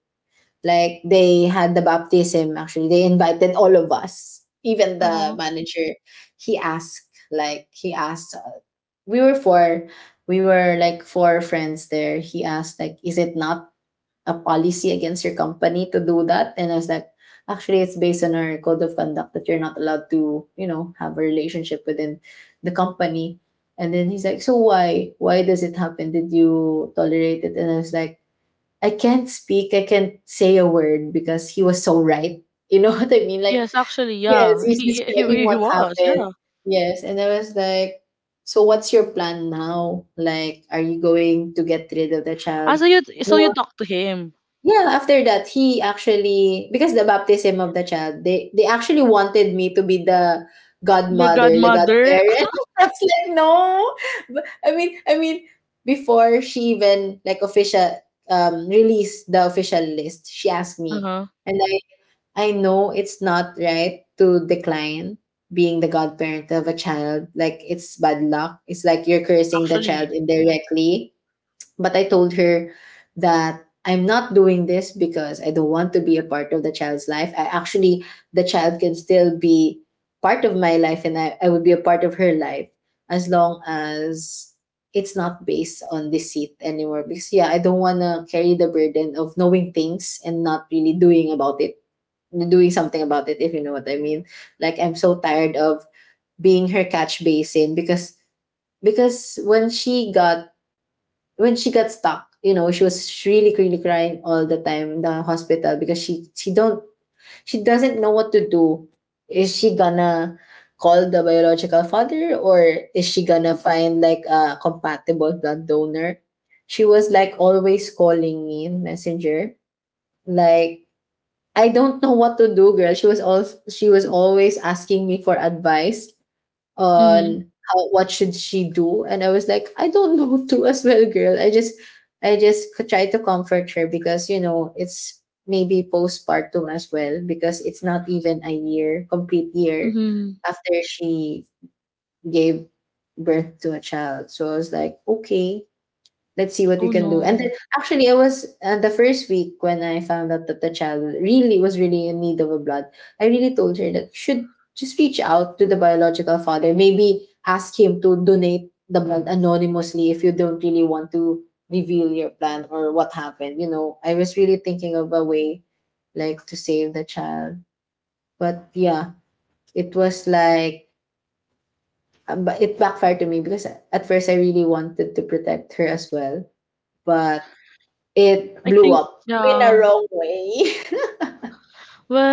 like, they had the baptism. Actually, they invited all of us, even the
Uh-huh.
manager. He asked, like, we were four, we were like four friends there. He asked, like, is it not a policy against your company to do that? And I was like, actually, it's based on our code of conduct that you're not allowed to have a relationship within the company. And then he's like, so why? Why does it happen? Did you tolerate it? And I was like, I can't speak, I can't say a word because he was so right. You know <laughs> what I mean? Like,
Yes, actually,
yes,
yeah.
he's
He he
describing
he he
what
was,
happened.
yeah.
Yes. And I was like, so what's your plan now? Like, are you going to get rid of the
Ah,
child?
so you
No,
talked to him,
yeah, after that, he actually, because the baptism of the child, they actually wanted me to be the
the
godmother, the
godmother.
godparent.
<laughs>
<laughs> I was like, no. But, I mean, before she even like official released the official list, she asked
Uh
me,
huh.
and I know it's not right to decline being the godparent of a child. Like, it's bad luck. It's like you're cursing the child
Actually.
indirectly, but I told her that I'm not doing this because I don't want to be a part of the child's life. I, actually, the child can still be part of my life and I would be a part of her life as long as it's not based on deceit anymore. Because, yeah, I don't want to carry the burden of knowing things and not really doing something about it, if you know what I mean. Like, I'm so tired of being her catch basin because because when she got stuck. She was really, really crying all the time in the hospital because she doesn't know what to do. Is she gonna call the biological father, or is she gonna find like a compatible blood donor? She was like always calling me in Messenger, like, I don't know what to do, girl. She was always asking me for advice
Mhm.
on how, what should she do. And I was like, I don't <laughs> know too as well, girl. I just try to comfort her because, you know, it's maybe postpartum as well because it's not even a year complete year
Mhm.
after she gave birth to a child. So I was like, okay, let's see what we
Oh
can do. And
no.
then, actually, I was, the first week when I found out that the child really was really in need of a blood, I really told her that you should just reach out to the biological father. Maybe ask him to donate the blood anonymously if you don't really want to reveal your plan or what happened. You know, I was really thinking of a way, like, to save the child. But yeah, it was like, but it backfired to me because at first I really wanted to protect her as well. But it
I
blew
think
up in a
yeah.
wrong way.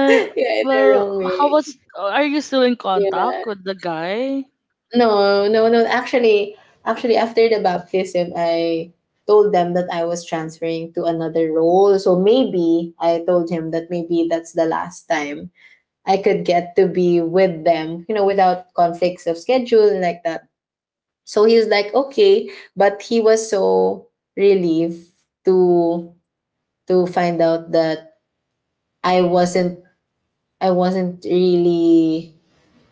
<laughs> Yeah, in a
well.
wrong
How
way.
was? Are you still in
Yeah.
contact with the guy?
No, no, no. Actually, after the baptism, I told them that I was transferring to another role. So maybe I told him that maybe that's the last time I could get to be with them, you know, without conflicts of schedule and like that. So he was like, okay, but he was so relieved to to find out that I wasn't I wasn't really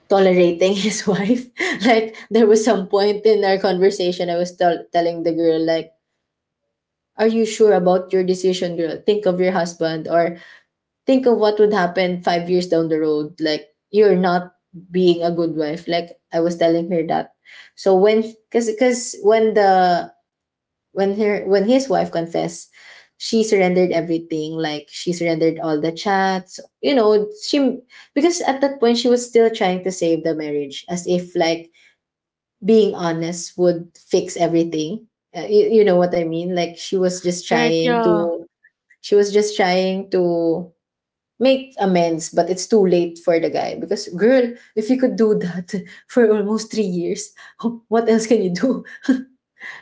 tolerating <laughs> his wife. Like, there was some point in our conversation I was telling the girl, like, are you sure about your decision, girl? Think of your husband, or think of what would happen 5 years down the road. Like, you're not being a good wife. Like, I was telling her that. So when, cuz when the when his wife confessed, she surrendered everything. Like, she surrendered all the chats. You know, she, because at that point she was still trying to save the marriage, as if, like, being honest would fix everything. You know what I mean? Like,
Right. Yeah.
she was just trying to make amends, but it's too late for the guy because, girl, if you could do that <laughs> for almost 3 years, <laughs> what else can you do? <laughs>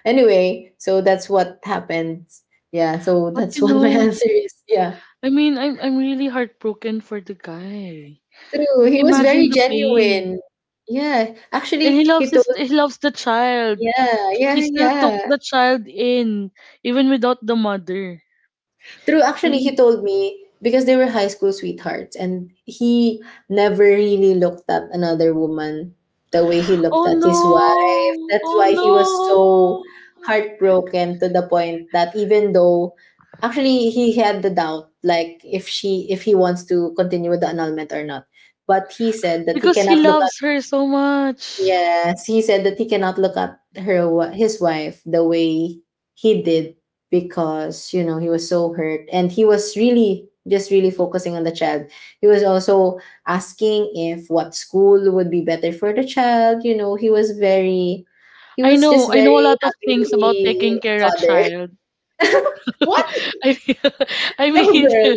Anyway, so that's what happened. Yeah, so
But
that's
you
what my <laughs>
know,
answer is. Yeah.
I'm really heartbroken for the guy.
True.
Like
He was
imagine
very
the pain.
genuine. Yeah.
And
Actually,
he
he
loves
told
his he loves the child.
yeah,
He
yeah,
still took
yeah.
the child in even without the mother.
True,
I
actually, he
mean,
told me because they were high school sweethearts, and he never really looked at another woman the way he looked
oh
at his wife.
no.
That's
Oh
why he was
no.
so heartbroken to the point that, even though, actually, he had the doubt, like, if he wants to continue with the annulment or not, but he said that he
Because
cannot
he
look.
loves her so much.
Yes, he said that he cannot look at her his wife the way he did because, you know, he was so hurt and he was really just really focusing on the child. He was also asking if what school would be better for the child. You know, he was just
I know a
very
lot of
happy to
things about taking
be a
care of
father.
child.
<laughs> What?
<laughs> I <laughs> I
No,
mean,
girl.
<laughs>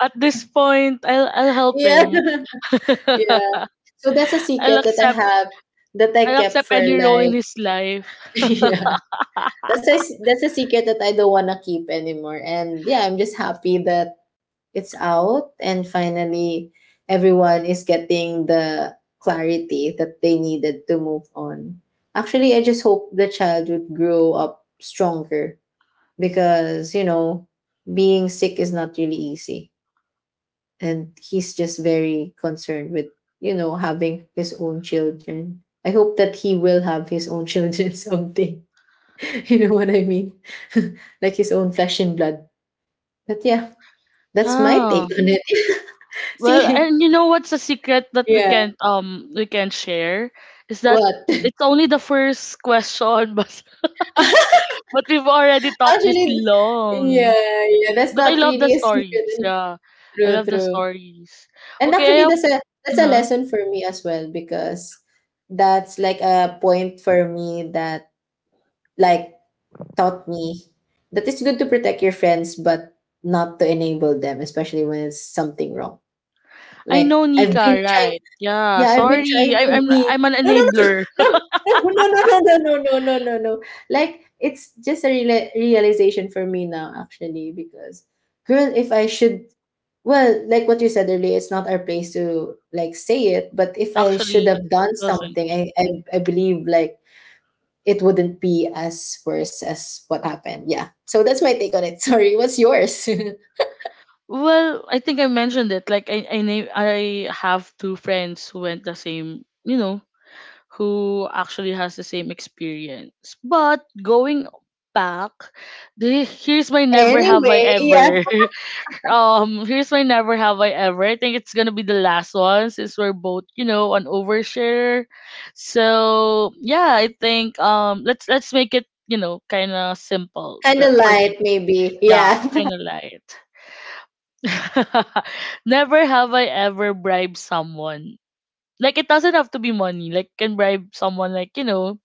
at this point, I'll
<laughs>
help
yeah.
him.
<laughs> Yeah.
<laughs>
So that's a
I'll
secret that I
accept
have, that I
I'll
kept
accept
for
any role in
like
his life.
<laughs> yeah. That's a secret that I don't wanna keep anymore. And yeah, I'm just happy that it's out, and finally everyone is getting the clarity that they needed to move on. Actually, I just hope the child would grow up stronger because, being sick is not really easy. And he's just very concerned with having his own children. I hope that he will have his own <laughs> children someday. <laughs> You know what I mean? <laughs> Like, his own flesh and blood. But yeah, that's my
Oh.
take on it. <laughs>
Well,
See?
and you know what's a secret that
Yeah.
we can't share is that
What?
it's only the first question, <laughs> but we've already
<laughs>
talked this
Actually,
long.
yeah, yeah, that's
But I
not
love the
really a
stories.
secret.
Yeah, I
True,
love the
true.
stories.
And
Okay, I
actually,
have.
that's a
Huh?
lesson for me as well because that's like a point for me that, like, taught me that it's good to protect your friends, but not to enable them, especially when it's something wrong.
I know
Like, I've been
Nika,
trying.
right? Yeah.
Yeah, I've been
Sorry,
trying
I'm
to
I'm
be,
I'm an
no, no, no,
enabler.
no, no, no, no, no, no, no, no, no, no, no. Like, it's just a realization for me now, actually, because, girl, if I should, well, like what you said earlier, it's not our place to like say it, but if I should
Actually,
have
it
done
wasn't.
something, I believe, like, it wouldn't be as worse as what happened. Yeah. So that's my take on it. <laughs> Sorry, what's yours? <laughs>
Well, I think I mentioned it. Like I have two friends who went the same, you know, who actually has the same experience. But going back, here's my never have I
Anyway, yeah,
ever. <laughs> Here's my never have I ever. I think it's gonna be the last one since we're both, you know, an overshare. So yeah, I think let's make it, you know, kinda simple
kind of
for this.
light, maybe.
Yeah,
Yeah.
kinda
<laughs>
light. <laughs> Never have I ever bribed someone. Like it doesn't have to be money. Like can bribe someone like, you know,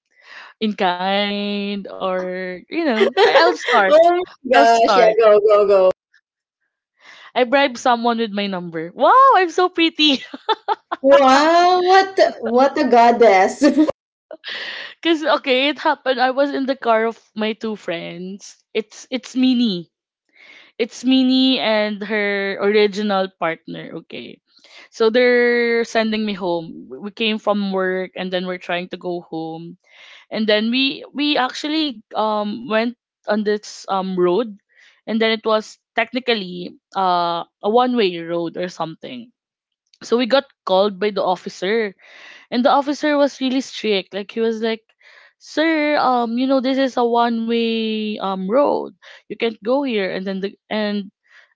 in kind or you know, I'll
<laughs>
start.
Oh my
I'll
gosh,
start.
yeah, go, go, go.
I bribed someone with my number. Wow, I'm so pretty.
Wow, what a goddess. <laughs>
<laughs> Cause okay, it happened. I was in the car of my two friends. It's Mini. It's Mini and her original partner, okay. So they're sending me home. We came from work and then we're trying to go home and then we actually went on this road, and then it was technically a one way road or something, so we got called by the officer. And the officer was really strict. Like he was like, "Sir, you know, this is a one way road. You can't go here." And then the and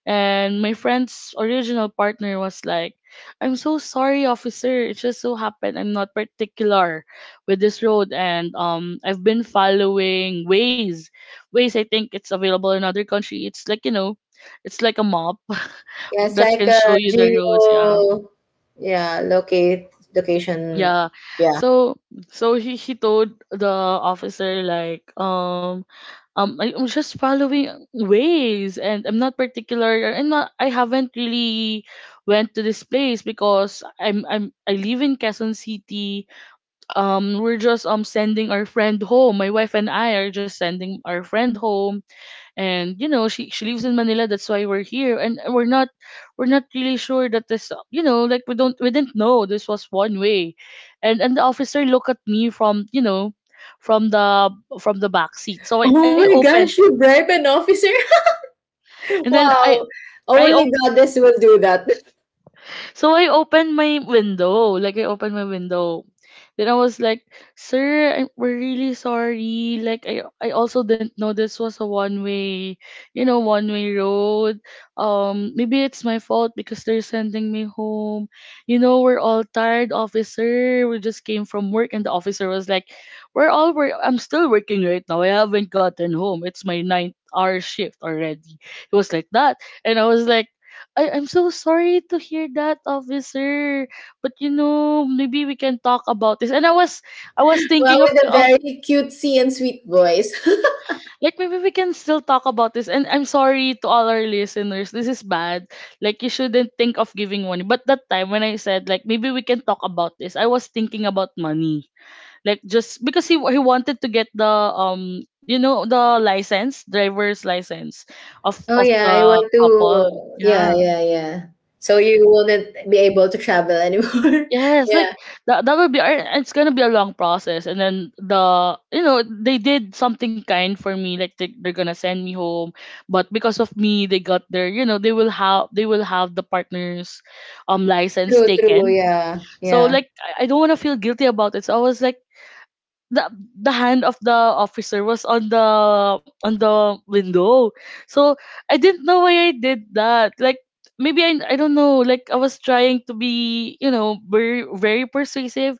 my friend's original partner was like, "I'm so sorry, officer. It just so happened I'm not particular with this road, and I've been following ways ways I think, it's available in other country. It's like, you know, it's like a map <laughs>
Yeah, it's
that
like
can
a
show you the roads, yeah."
geo yeah, locate location.
Yeah.
Yeah.
So so he told the officer, like, "I am just following ways and I'm not particular. I'm not, I haven't really went to this place, because I'm I live in Quezon City. We're just sending our friend home. My wife and I are just sending our friend home, and you know she lives in Manila. That's why we're here, and we're not, we're not really sure that this, you know, like we don't, we didn't know this was one way." And the officer looked at me from, you know, from the from the back seat. So I
Oh my
opened,
gosh, you bribe an officer? <laughs>
and then I
Wow.
I
Only
op-
goddess will do that. <laughs>
so I opened my window, like I opened my window. Then I was like, "Sir, I'm, we're really sorry. Like I also didn't know this was a one way, you know, one way road. Maybe it's my fault, because they're sending me home. You know, we're all tired, officer. We just came from work." And the officer was like, "We're all work. I'm still working right now. I haven't gotten home. It's my ninth hour shift already." It was like that, and I was like, I'm so sorry to hear that, officer. But you know, maybe we can talk about this." And I was, I was
Well,
thinking
with a
of
very cutesy and sweet voice. <laughs>
like maybe we can still talk about this. And I'm sorry to all our listeners. This is bad. Like, you shouldn't think of giving money. But that time when I said, like, maybe we can talk about this, I was thinking about money. Like, just because he wanted to get the you know, the license, driver's license
Oh
of
yeah, I
the
want
couple.
to, yeah,
Yeah.
yeah, yeah. So you wouldn't be able to travel anymore. <laughs>
Yes, like
Yeah.
that, that would be it's gonna be a long process, and then the, you know, they did something kind for me. Like, they they're gonna send me home, but because of me they got their, you know, they will have, they will have the partner's license
True, true,
taken.
yeah,
So
yeah.
like, I don't wanna feel guilty about it. So I was like, the the hand of the officer was on the window. So I didn't know why I did that. Like, maybe I don't know. Like, I was trying to be, you know, very very persuasive.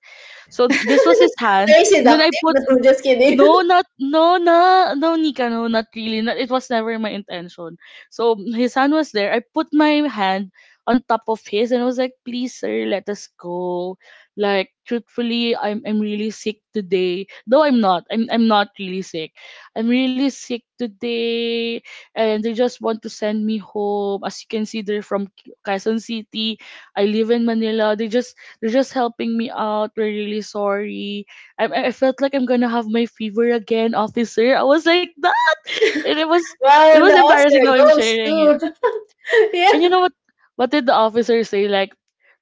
So this was
<laughs>
his hand,
Very
and then I
seductive. <laughs>
put,
No, just kidding.
no,
<laughs>
not no na no Nika, no, not really. Not, it was never my intention. So his hand was there. I put my hand on top of his, and I was like, "Please, sir, let us go. Like, truthfully, I'm really sick today." Though I'm not. I'm not really sick. "I'm really sick today, and they just want to send me home. As you can see, they're from Quezon City. I live in Manila. They just, they're just helping me out. We're really sorry. I felt like I'm gonna have my fever again, officer." I was like that, <laughs> and it was, it
Wow, and
was
the
embarrassing how I'm
Oscar goes
sharing it.
to <laughs>
And you
yeah.
know what? What did the officer say? Like,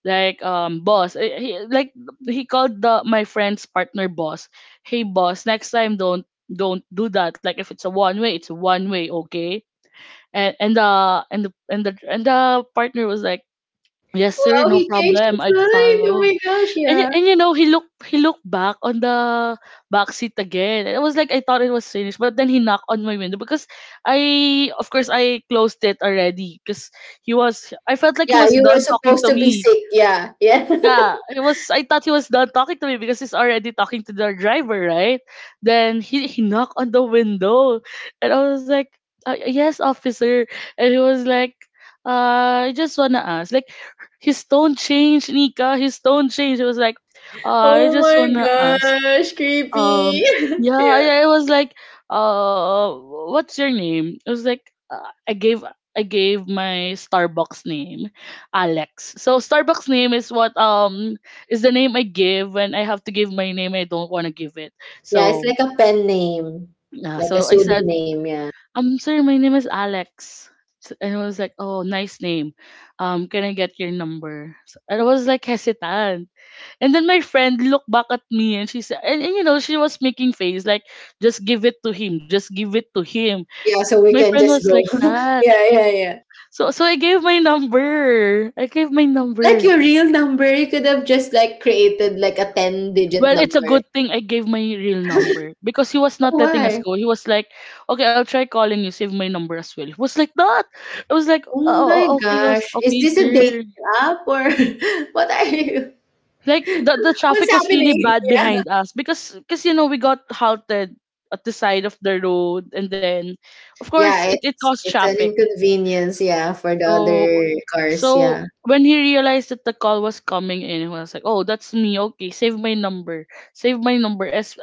like um, "Boss." He like, he called the my friend's partner boss. "Hey, boss. Next time, don't do that. Like, if it's a one way, it's a one way, okay?" And the and the and the and the partner was like, "Yes, sir,
Wow,
no
he changed his
problem. I'd
mind. Oh
follow."
my gosh, yeah.
And you know, he looked, he looked back on the back seat again. And it was like, I thought it was finished, but then he knocked on my window, because I, of course, I closed it already, because he was, I felt like he
Yeah,
was
you were
done talking
supposed
to
to be
me.
sick. Yeah, yeah.
Yeah, it was. I thought he was done talking to me because he's already talking to the driver, right? Then he knocked on the window, and I was like, Yes, officer." And he was like, I just wanna ask." Like, his tone changed, Nika. His tone changed. He was like,
<laughs>
I
oh
just
my
wanna ask
gosh,
um
creepy. <laughs>
yeah."
yeah.
I was like, uh "What's your name?" I was like, uh, I gave, I gave my Starbucks name, Alex. So Starbucks name is what, is the name I give when I have to give my name, I don't want to give it.
Yeah, it's
So
like a pen name,
yeah,
like a
so I said,
pseudonym. Yeah.
Sorry, my name is Alex." And I was like, "Oh, nice name. Can I get your number?" So, and I was like hesitant, and then my friend looked back at me and she said, and you know, she was making face like, just give it to him, just give it to him.
Yeah, so
My
we can
friend
just
was like
go. <laughs>
that.
Yeah, yeah, yeah.
So, so I gave my number. I gave my
Like,
number.
your real number? You could have just like created like a ten-digit
Well, it's a
number.
good thing I gave my real number, because he was not
Oh,
letting us
why?
go. He was like, "Okay, I'll try calling you, save my number as well." He was like that. I was like, "Oh,
Oh my
oh, okay, yes,
gosh. Is
okay,
this a
sir."
dating app, or <laughs> what are you?
Like, the
What's
traffic was really
happening?
bad behind us, because you know we got halted at the side of the road, and then of course
Yeah,
it
it's
caused
it's an
traffic.
inconvenience, yeah, for the
So
other
so
cars, yeah.
when he realized that the call was coming in, he was like, "Oh, that's me. Okay, save my number, save my number."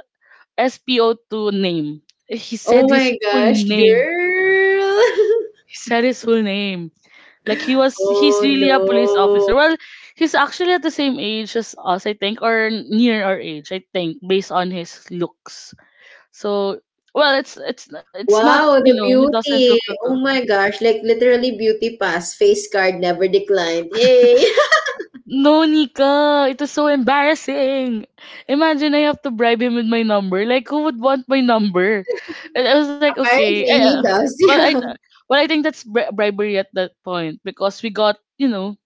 S P O SPO2 name. He said
Oh
his
my
full
gosh,
name.
girl. <laughs>
He said his full name. Like, he was, he's
Oh
really a police
no.
officer. Well, he's actually at the same age as us, I think, or near our age, I think, based on his looks. So, well, it's not,
Wow,
you
the
know, he doesn't look
beauty.
that.
Oh my gosh, like, literally beauty pass, face card never declined. Yay. <laughs>
No, Nika, it is so embarrassing. Imagine I have to bribe him with my number. Like, who would want my number? And I was like, "Okay,
Apparently he does, <laughs>
well, I,
yeah.
well, I think that's bribery at that point, because we got, you know,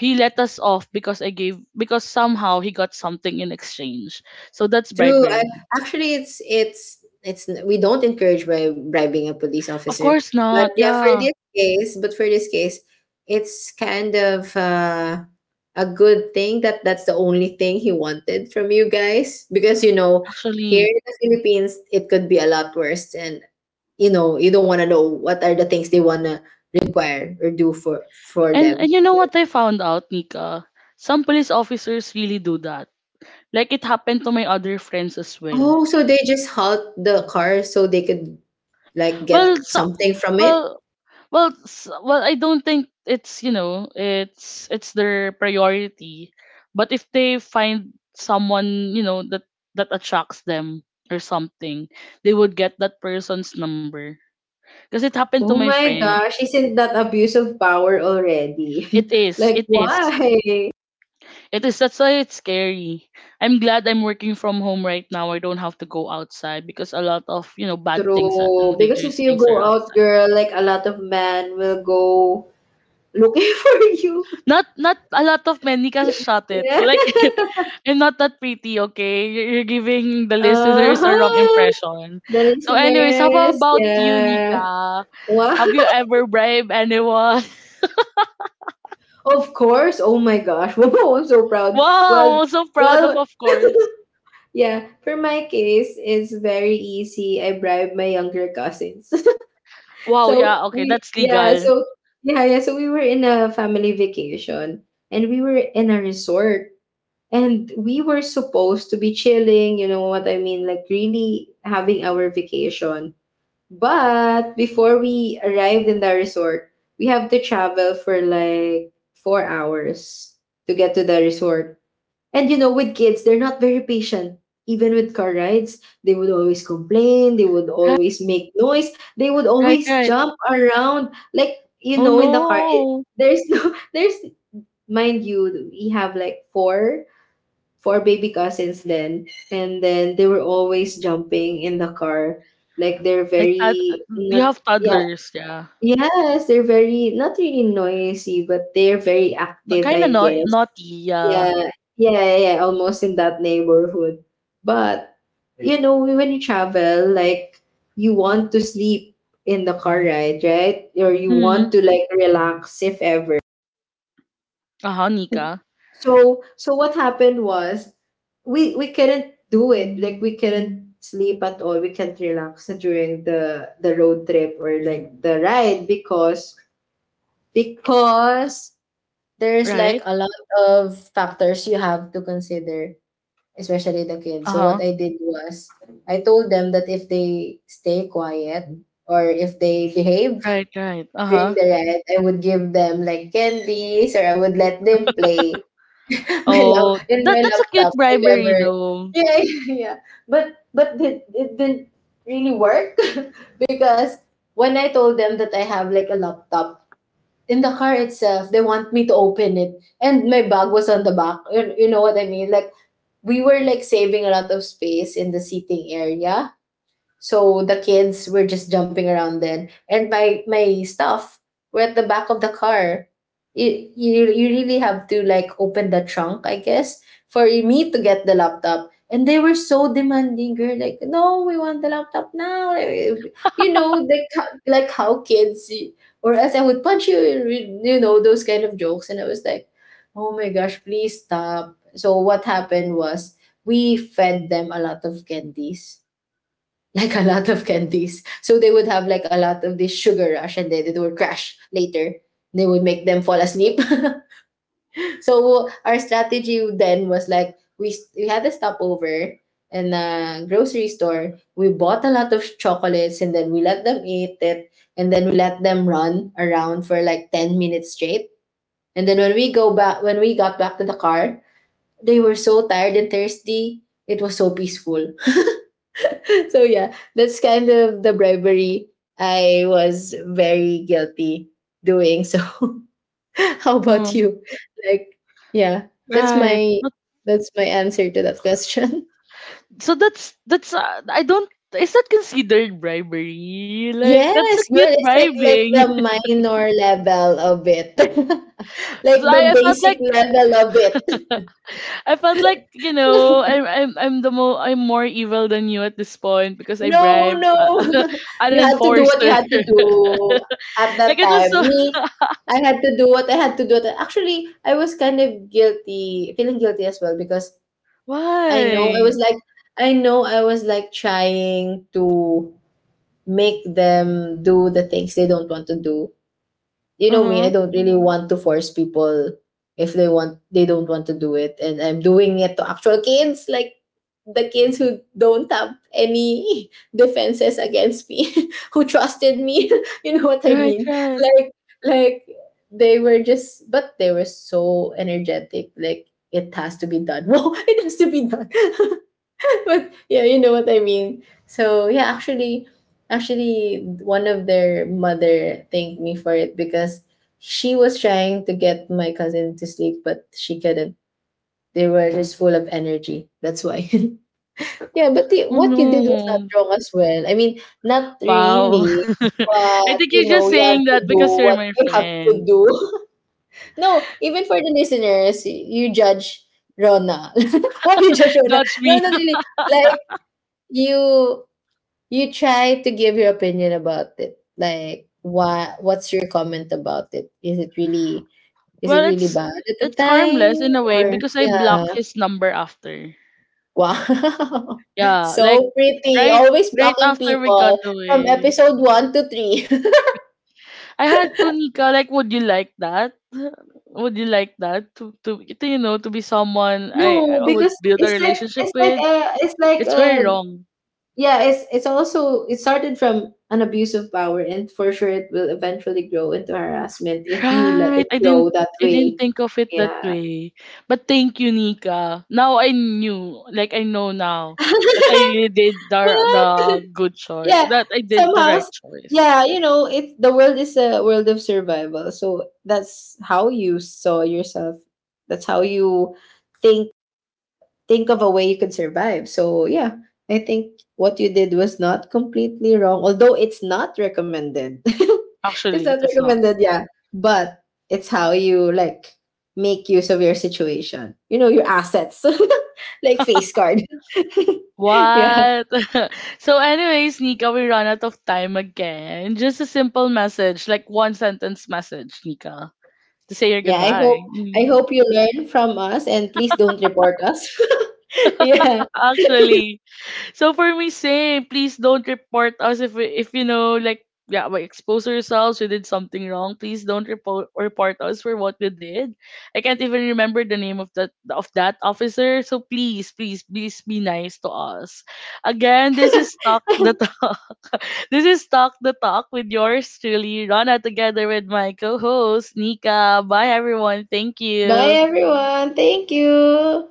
he let us off because I gave, because somehow he got something in exchange. So that's
True.
bribery.
Actually, it's we don't encourage by bribing a police
Of
officer,
course
but
not.
yeah, for
Yeah,
this case, it's kind of a good thing that that's the only thing he wanted from you guys because you know here
actually.
in the Philippines it could be a lot worse, and you know you don't want to know what are the things they wanna require or do for for
And
them.
you know what I found out, Nika? Some police officers really do that. Like, it happened to my other friends as well.
Oh, so they just halt the car so they could like
Well,
get
some,
something from it.
well, well, I don't think it's, you know, it's their priority, but if they find someone, you know, that that attracts them or something, they would get that person's number. Because it happened to
Oh
my
my
friend.
gosh, isn't that abuse of power already?
It
<laughs>
is,
Like,
it is,
why?
it is. That's why it's scary. I'm glad I'm working from home right now. I don't have to go outside, because a lot of, you know, bad things are- and
True. Because
dangerous
if you
things are
go out,
outside.
girl, like a lot of men will go looking <laughs> for you.
Not not a lot of men. Nika, shut it.
Yeah.
Like, <laughs> I'm not that pretty, okay? You're giving the listeners a wrong
Uh-huh.
impression.
The
So, anyways, how
listeners.
about you,
Yeah.
Nika?
Wow.
Have you
<laughs>
ever bribed anyone? <laughs>
Of course. Oh my gosh. <laughs> Wow, I'm so proud.
Wow,
Well,
I'm so proud
well,
of course.
yeah. For my case, it's very easy. I bribe my younger cousins. <laughs>
Wow,
So
yeah, okay,
we
that's
yeah,
legal.
so yeah, yeah. So we were in a family vacation and we were in a resort and we were supposed to be chilling, you know what I mean, like really having our vacation. But before we arrived in the resort, we have to travel for like 4 hours to get to the resort. And you know, with kids, they're not very patient. Even with car rides, they would always complain, they would always make noise, they would
Right,
always
right.
jump around. Like, you
Oh
know, in the car.
no,
There's no, <laughs> mind you, we have like four baby cousins then. And then they were always jumping in the car. Like, they're
like that.
very,
You
not,
have
yeah.
toddlers, yeah.
Yes, they're very not really noisy, but they're very active,
Kind of
I
no,
guess.
naughty, yeah.
Yeah, yeah, almost in that neighborhood. But you know, when you travel, like you want to sleep in the car ride, right? Or you
Hmm.
want to like relax if ever.
Uh huh,
Oh,
Nika.
so what happened was we couldn't do it. Like we couldn't sleep at all. We can't relax during the road trip or like the ride because there's like
Right.
a lot of factors you have to consider, especially the kids.
Uh
So what I
huh.
did was I told them that if they stay quiet or if they behave
Right, right. Uh
during
huh.
the riot, I would give them like candies or I would let them play <laughs> my lap
Oh,
in
that
my
that's a cute
laptop, whatever.
bribery though.
Yeah, <laughs> yeah, yeah. But it didn't really work <laughs> because when I told them that I have like a laptop in the car itself, they want me to open it. And my bag was on the back. You know what I mean? Like, we were like saving a lot of space in the seating area. So the kids were just jumping around then, and my stuff were at the back of the car. You you really have to like open the trunk, I guess, for me to get the laptop. And they were so demanding, girl. Like, no, we want the laptop now. You know, like how kids, or else I would punch you. You know those kind of jokes, and I was like, oh my gosh, please stop. So what happened was we fed them a lot of candies like <laughs> a lot of candies. So they would have like a lot of this sugar rush and then it would crash later. They would make them fall asleep. <laughs> So our strategy then was like we had a stopover in a grocery store. We bought a lot of chocolates and then we let them eat it and then we let them run around for like 10 minutes straight. And then when we got back to the car, they were so tired and thirsty. It was so peaceful, so yeah, that's kind of the bribery I was very guilty doing. So <laughs> how about
Mm,
you? Like, yeah, that's
right. But
my answer to that question. <laughs>
so that's I don't, is that considered bribery? Like, that's a
Yes, well,
cute
it's like
bribing.
the
<laughs>
minor level of it, <laughs> like
So
the
I felt
basic
like,
level of it.
I felt like, you know, I'm the mo I'm more evil than you at this point, because I
No,
bribe
no.
<laughs>
<laughs>
an
You had to do what
enforcer.
you had to do
<laughs>
at
Like,
that
it was
time.
so
Me, I had to do what I had to do. Actually, I was kind of guilty, feeling guilty as well because
<laughs>
I know I was
why?
like, I know I was like trying to make them do the things they don't want to do. You
Uh
know me, I
huh.
don't really want to force people if they don't want to do it, and I'm doing it to actual kids, like the kids who don't have any <laughs> defenses against me <laughs> who trusted me, <laughs> you know what I
Right.
mean,
Right.
like like they were just but they were so energetic, like it has to be done. <laughs> Wow, it has to be done. <laughs> <laughs> But yeah, you know what I mean. So yeah, actually, one of their mother thanked me for it because she was trying to get my cousin to sleep, but she couldn't. They were just full of energy. That's why. <laughs> Yeah, but
Oh
what you did was not
no.
wrong as well. I mean, not
Wow. <laughs>
really,
I
but
think you're
you
just
know, you had
saying
to
that
do
because you're
what
my
you have to
friend.
do. <laughs> No, even for the listeners, you judge Rona. <laughs> Why you judge Rona?
That's
No,
me.
not
<laughs>
really. Like you you try to give your opinion about it, like what's your comment about it, is
Well,
it really bad at the
it's
time,
harmless in a way
or
because I blocked
yeah,
his number after.
wow. <laughs>
Yeah, like
So pretty,
right,
always
right
blocking
after we got
people from
away.
episode one to three. <laughs>
I had to, Nika, like, would you like that? Would you like that to to, you know, to be someone
No,
I would
because
build a
it's like
relationship with? It's very wrong.
yeah, it's also it started from an abuse of power and for sure it will eventually grow into harassment if you let
Right.
it grow that
I didn't
way.
think of it that
Yeah.
way. But thank you, Nika. Now I knew. Like, I know now
<laughs>
that I really did
What?
the good choice.
Yeah,
That I did the
somehow,
right choice.
yeah, you know, it's the world is a world of survival. So that's how you saw yourself. That's how you think think of a way you could survive. So yeah, I think what you did was not completely wrong, although it's not recommended. <laughs> It's
Actually,
not
it is not.
recommended, yeah. But it's how you like make use of your situation. You know, your assets. <laughs> Like face card. <laughs> Yeah.
What? <laughs> So anyways, Nika, we run out of time again. Just a simple message, like, one sentence message, Nika, to say your
Yeah,
goodbye.
I
Mm.
hope you learn from us and please don't report us. <laughs> Yeah.
Actually, so for me, same. Please don't report us if if you know, like, yeah, we expose ourselves. We did something wrong. Please don't report us for what we did. I can't even remember the name of that officer. So please, please, please be nice to us. Again, this is Talk the Talk. <laughs> This is Talk the Talk with yours truly, Rana, together with my co-host Nika. Bye everyone. Thank
Bye
you.
everyone. Thank you.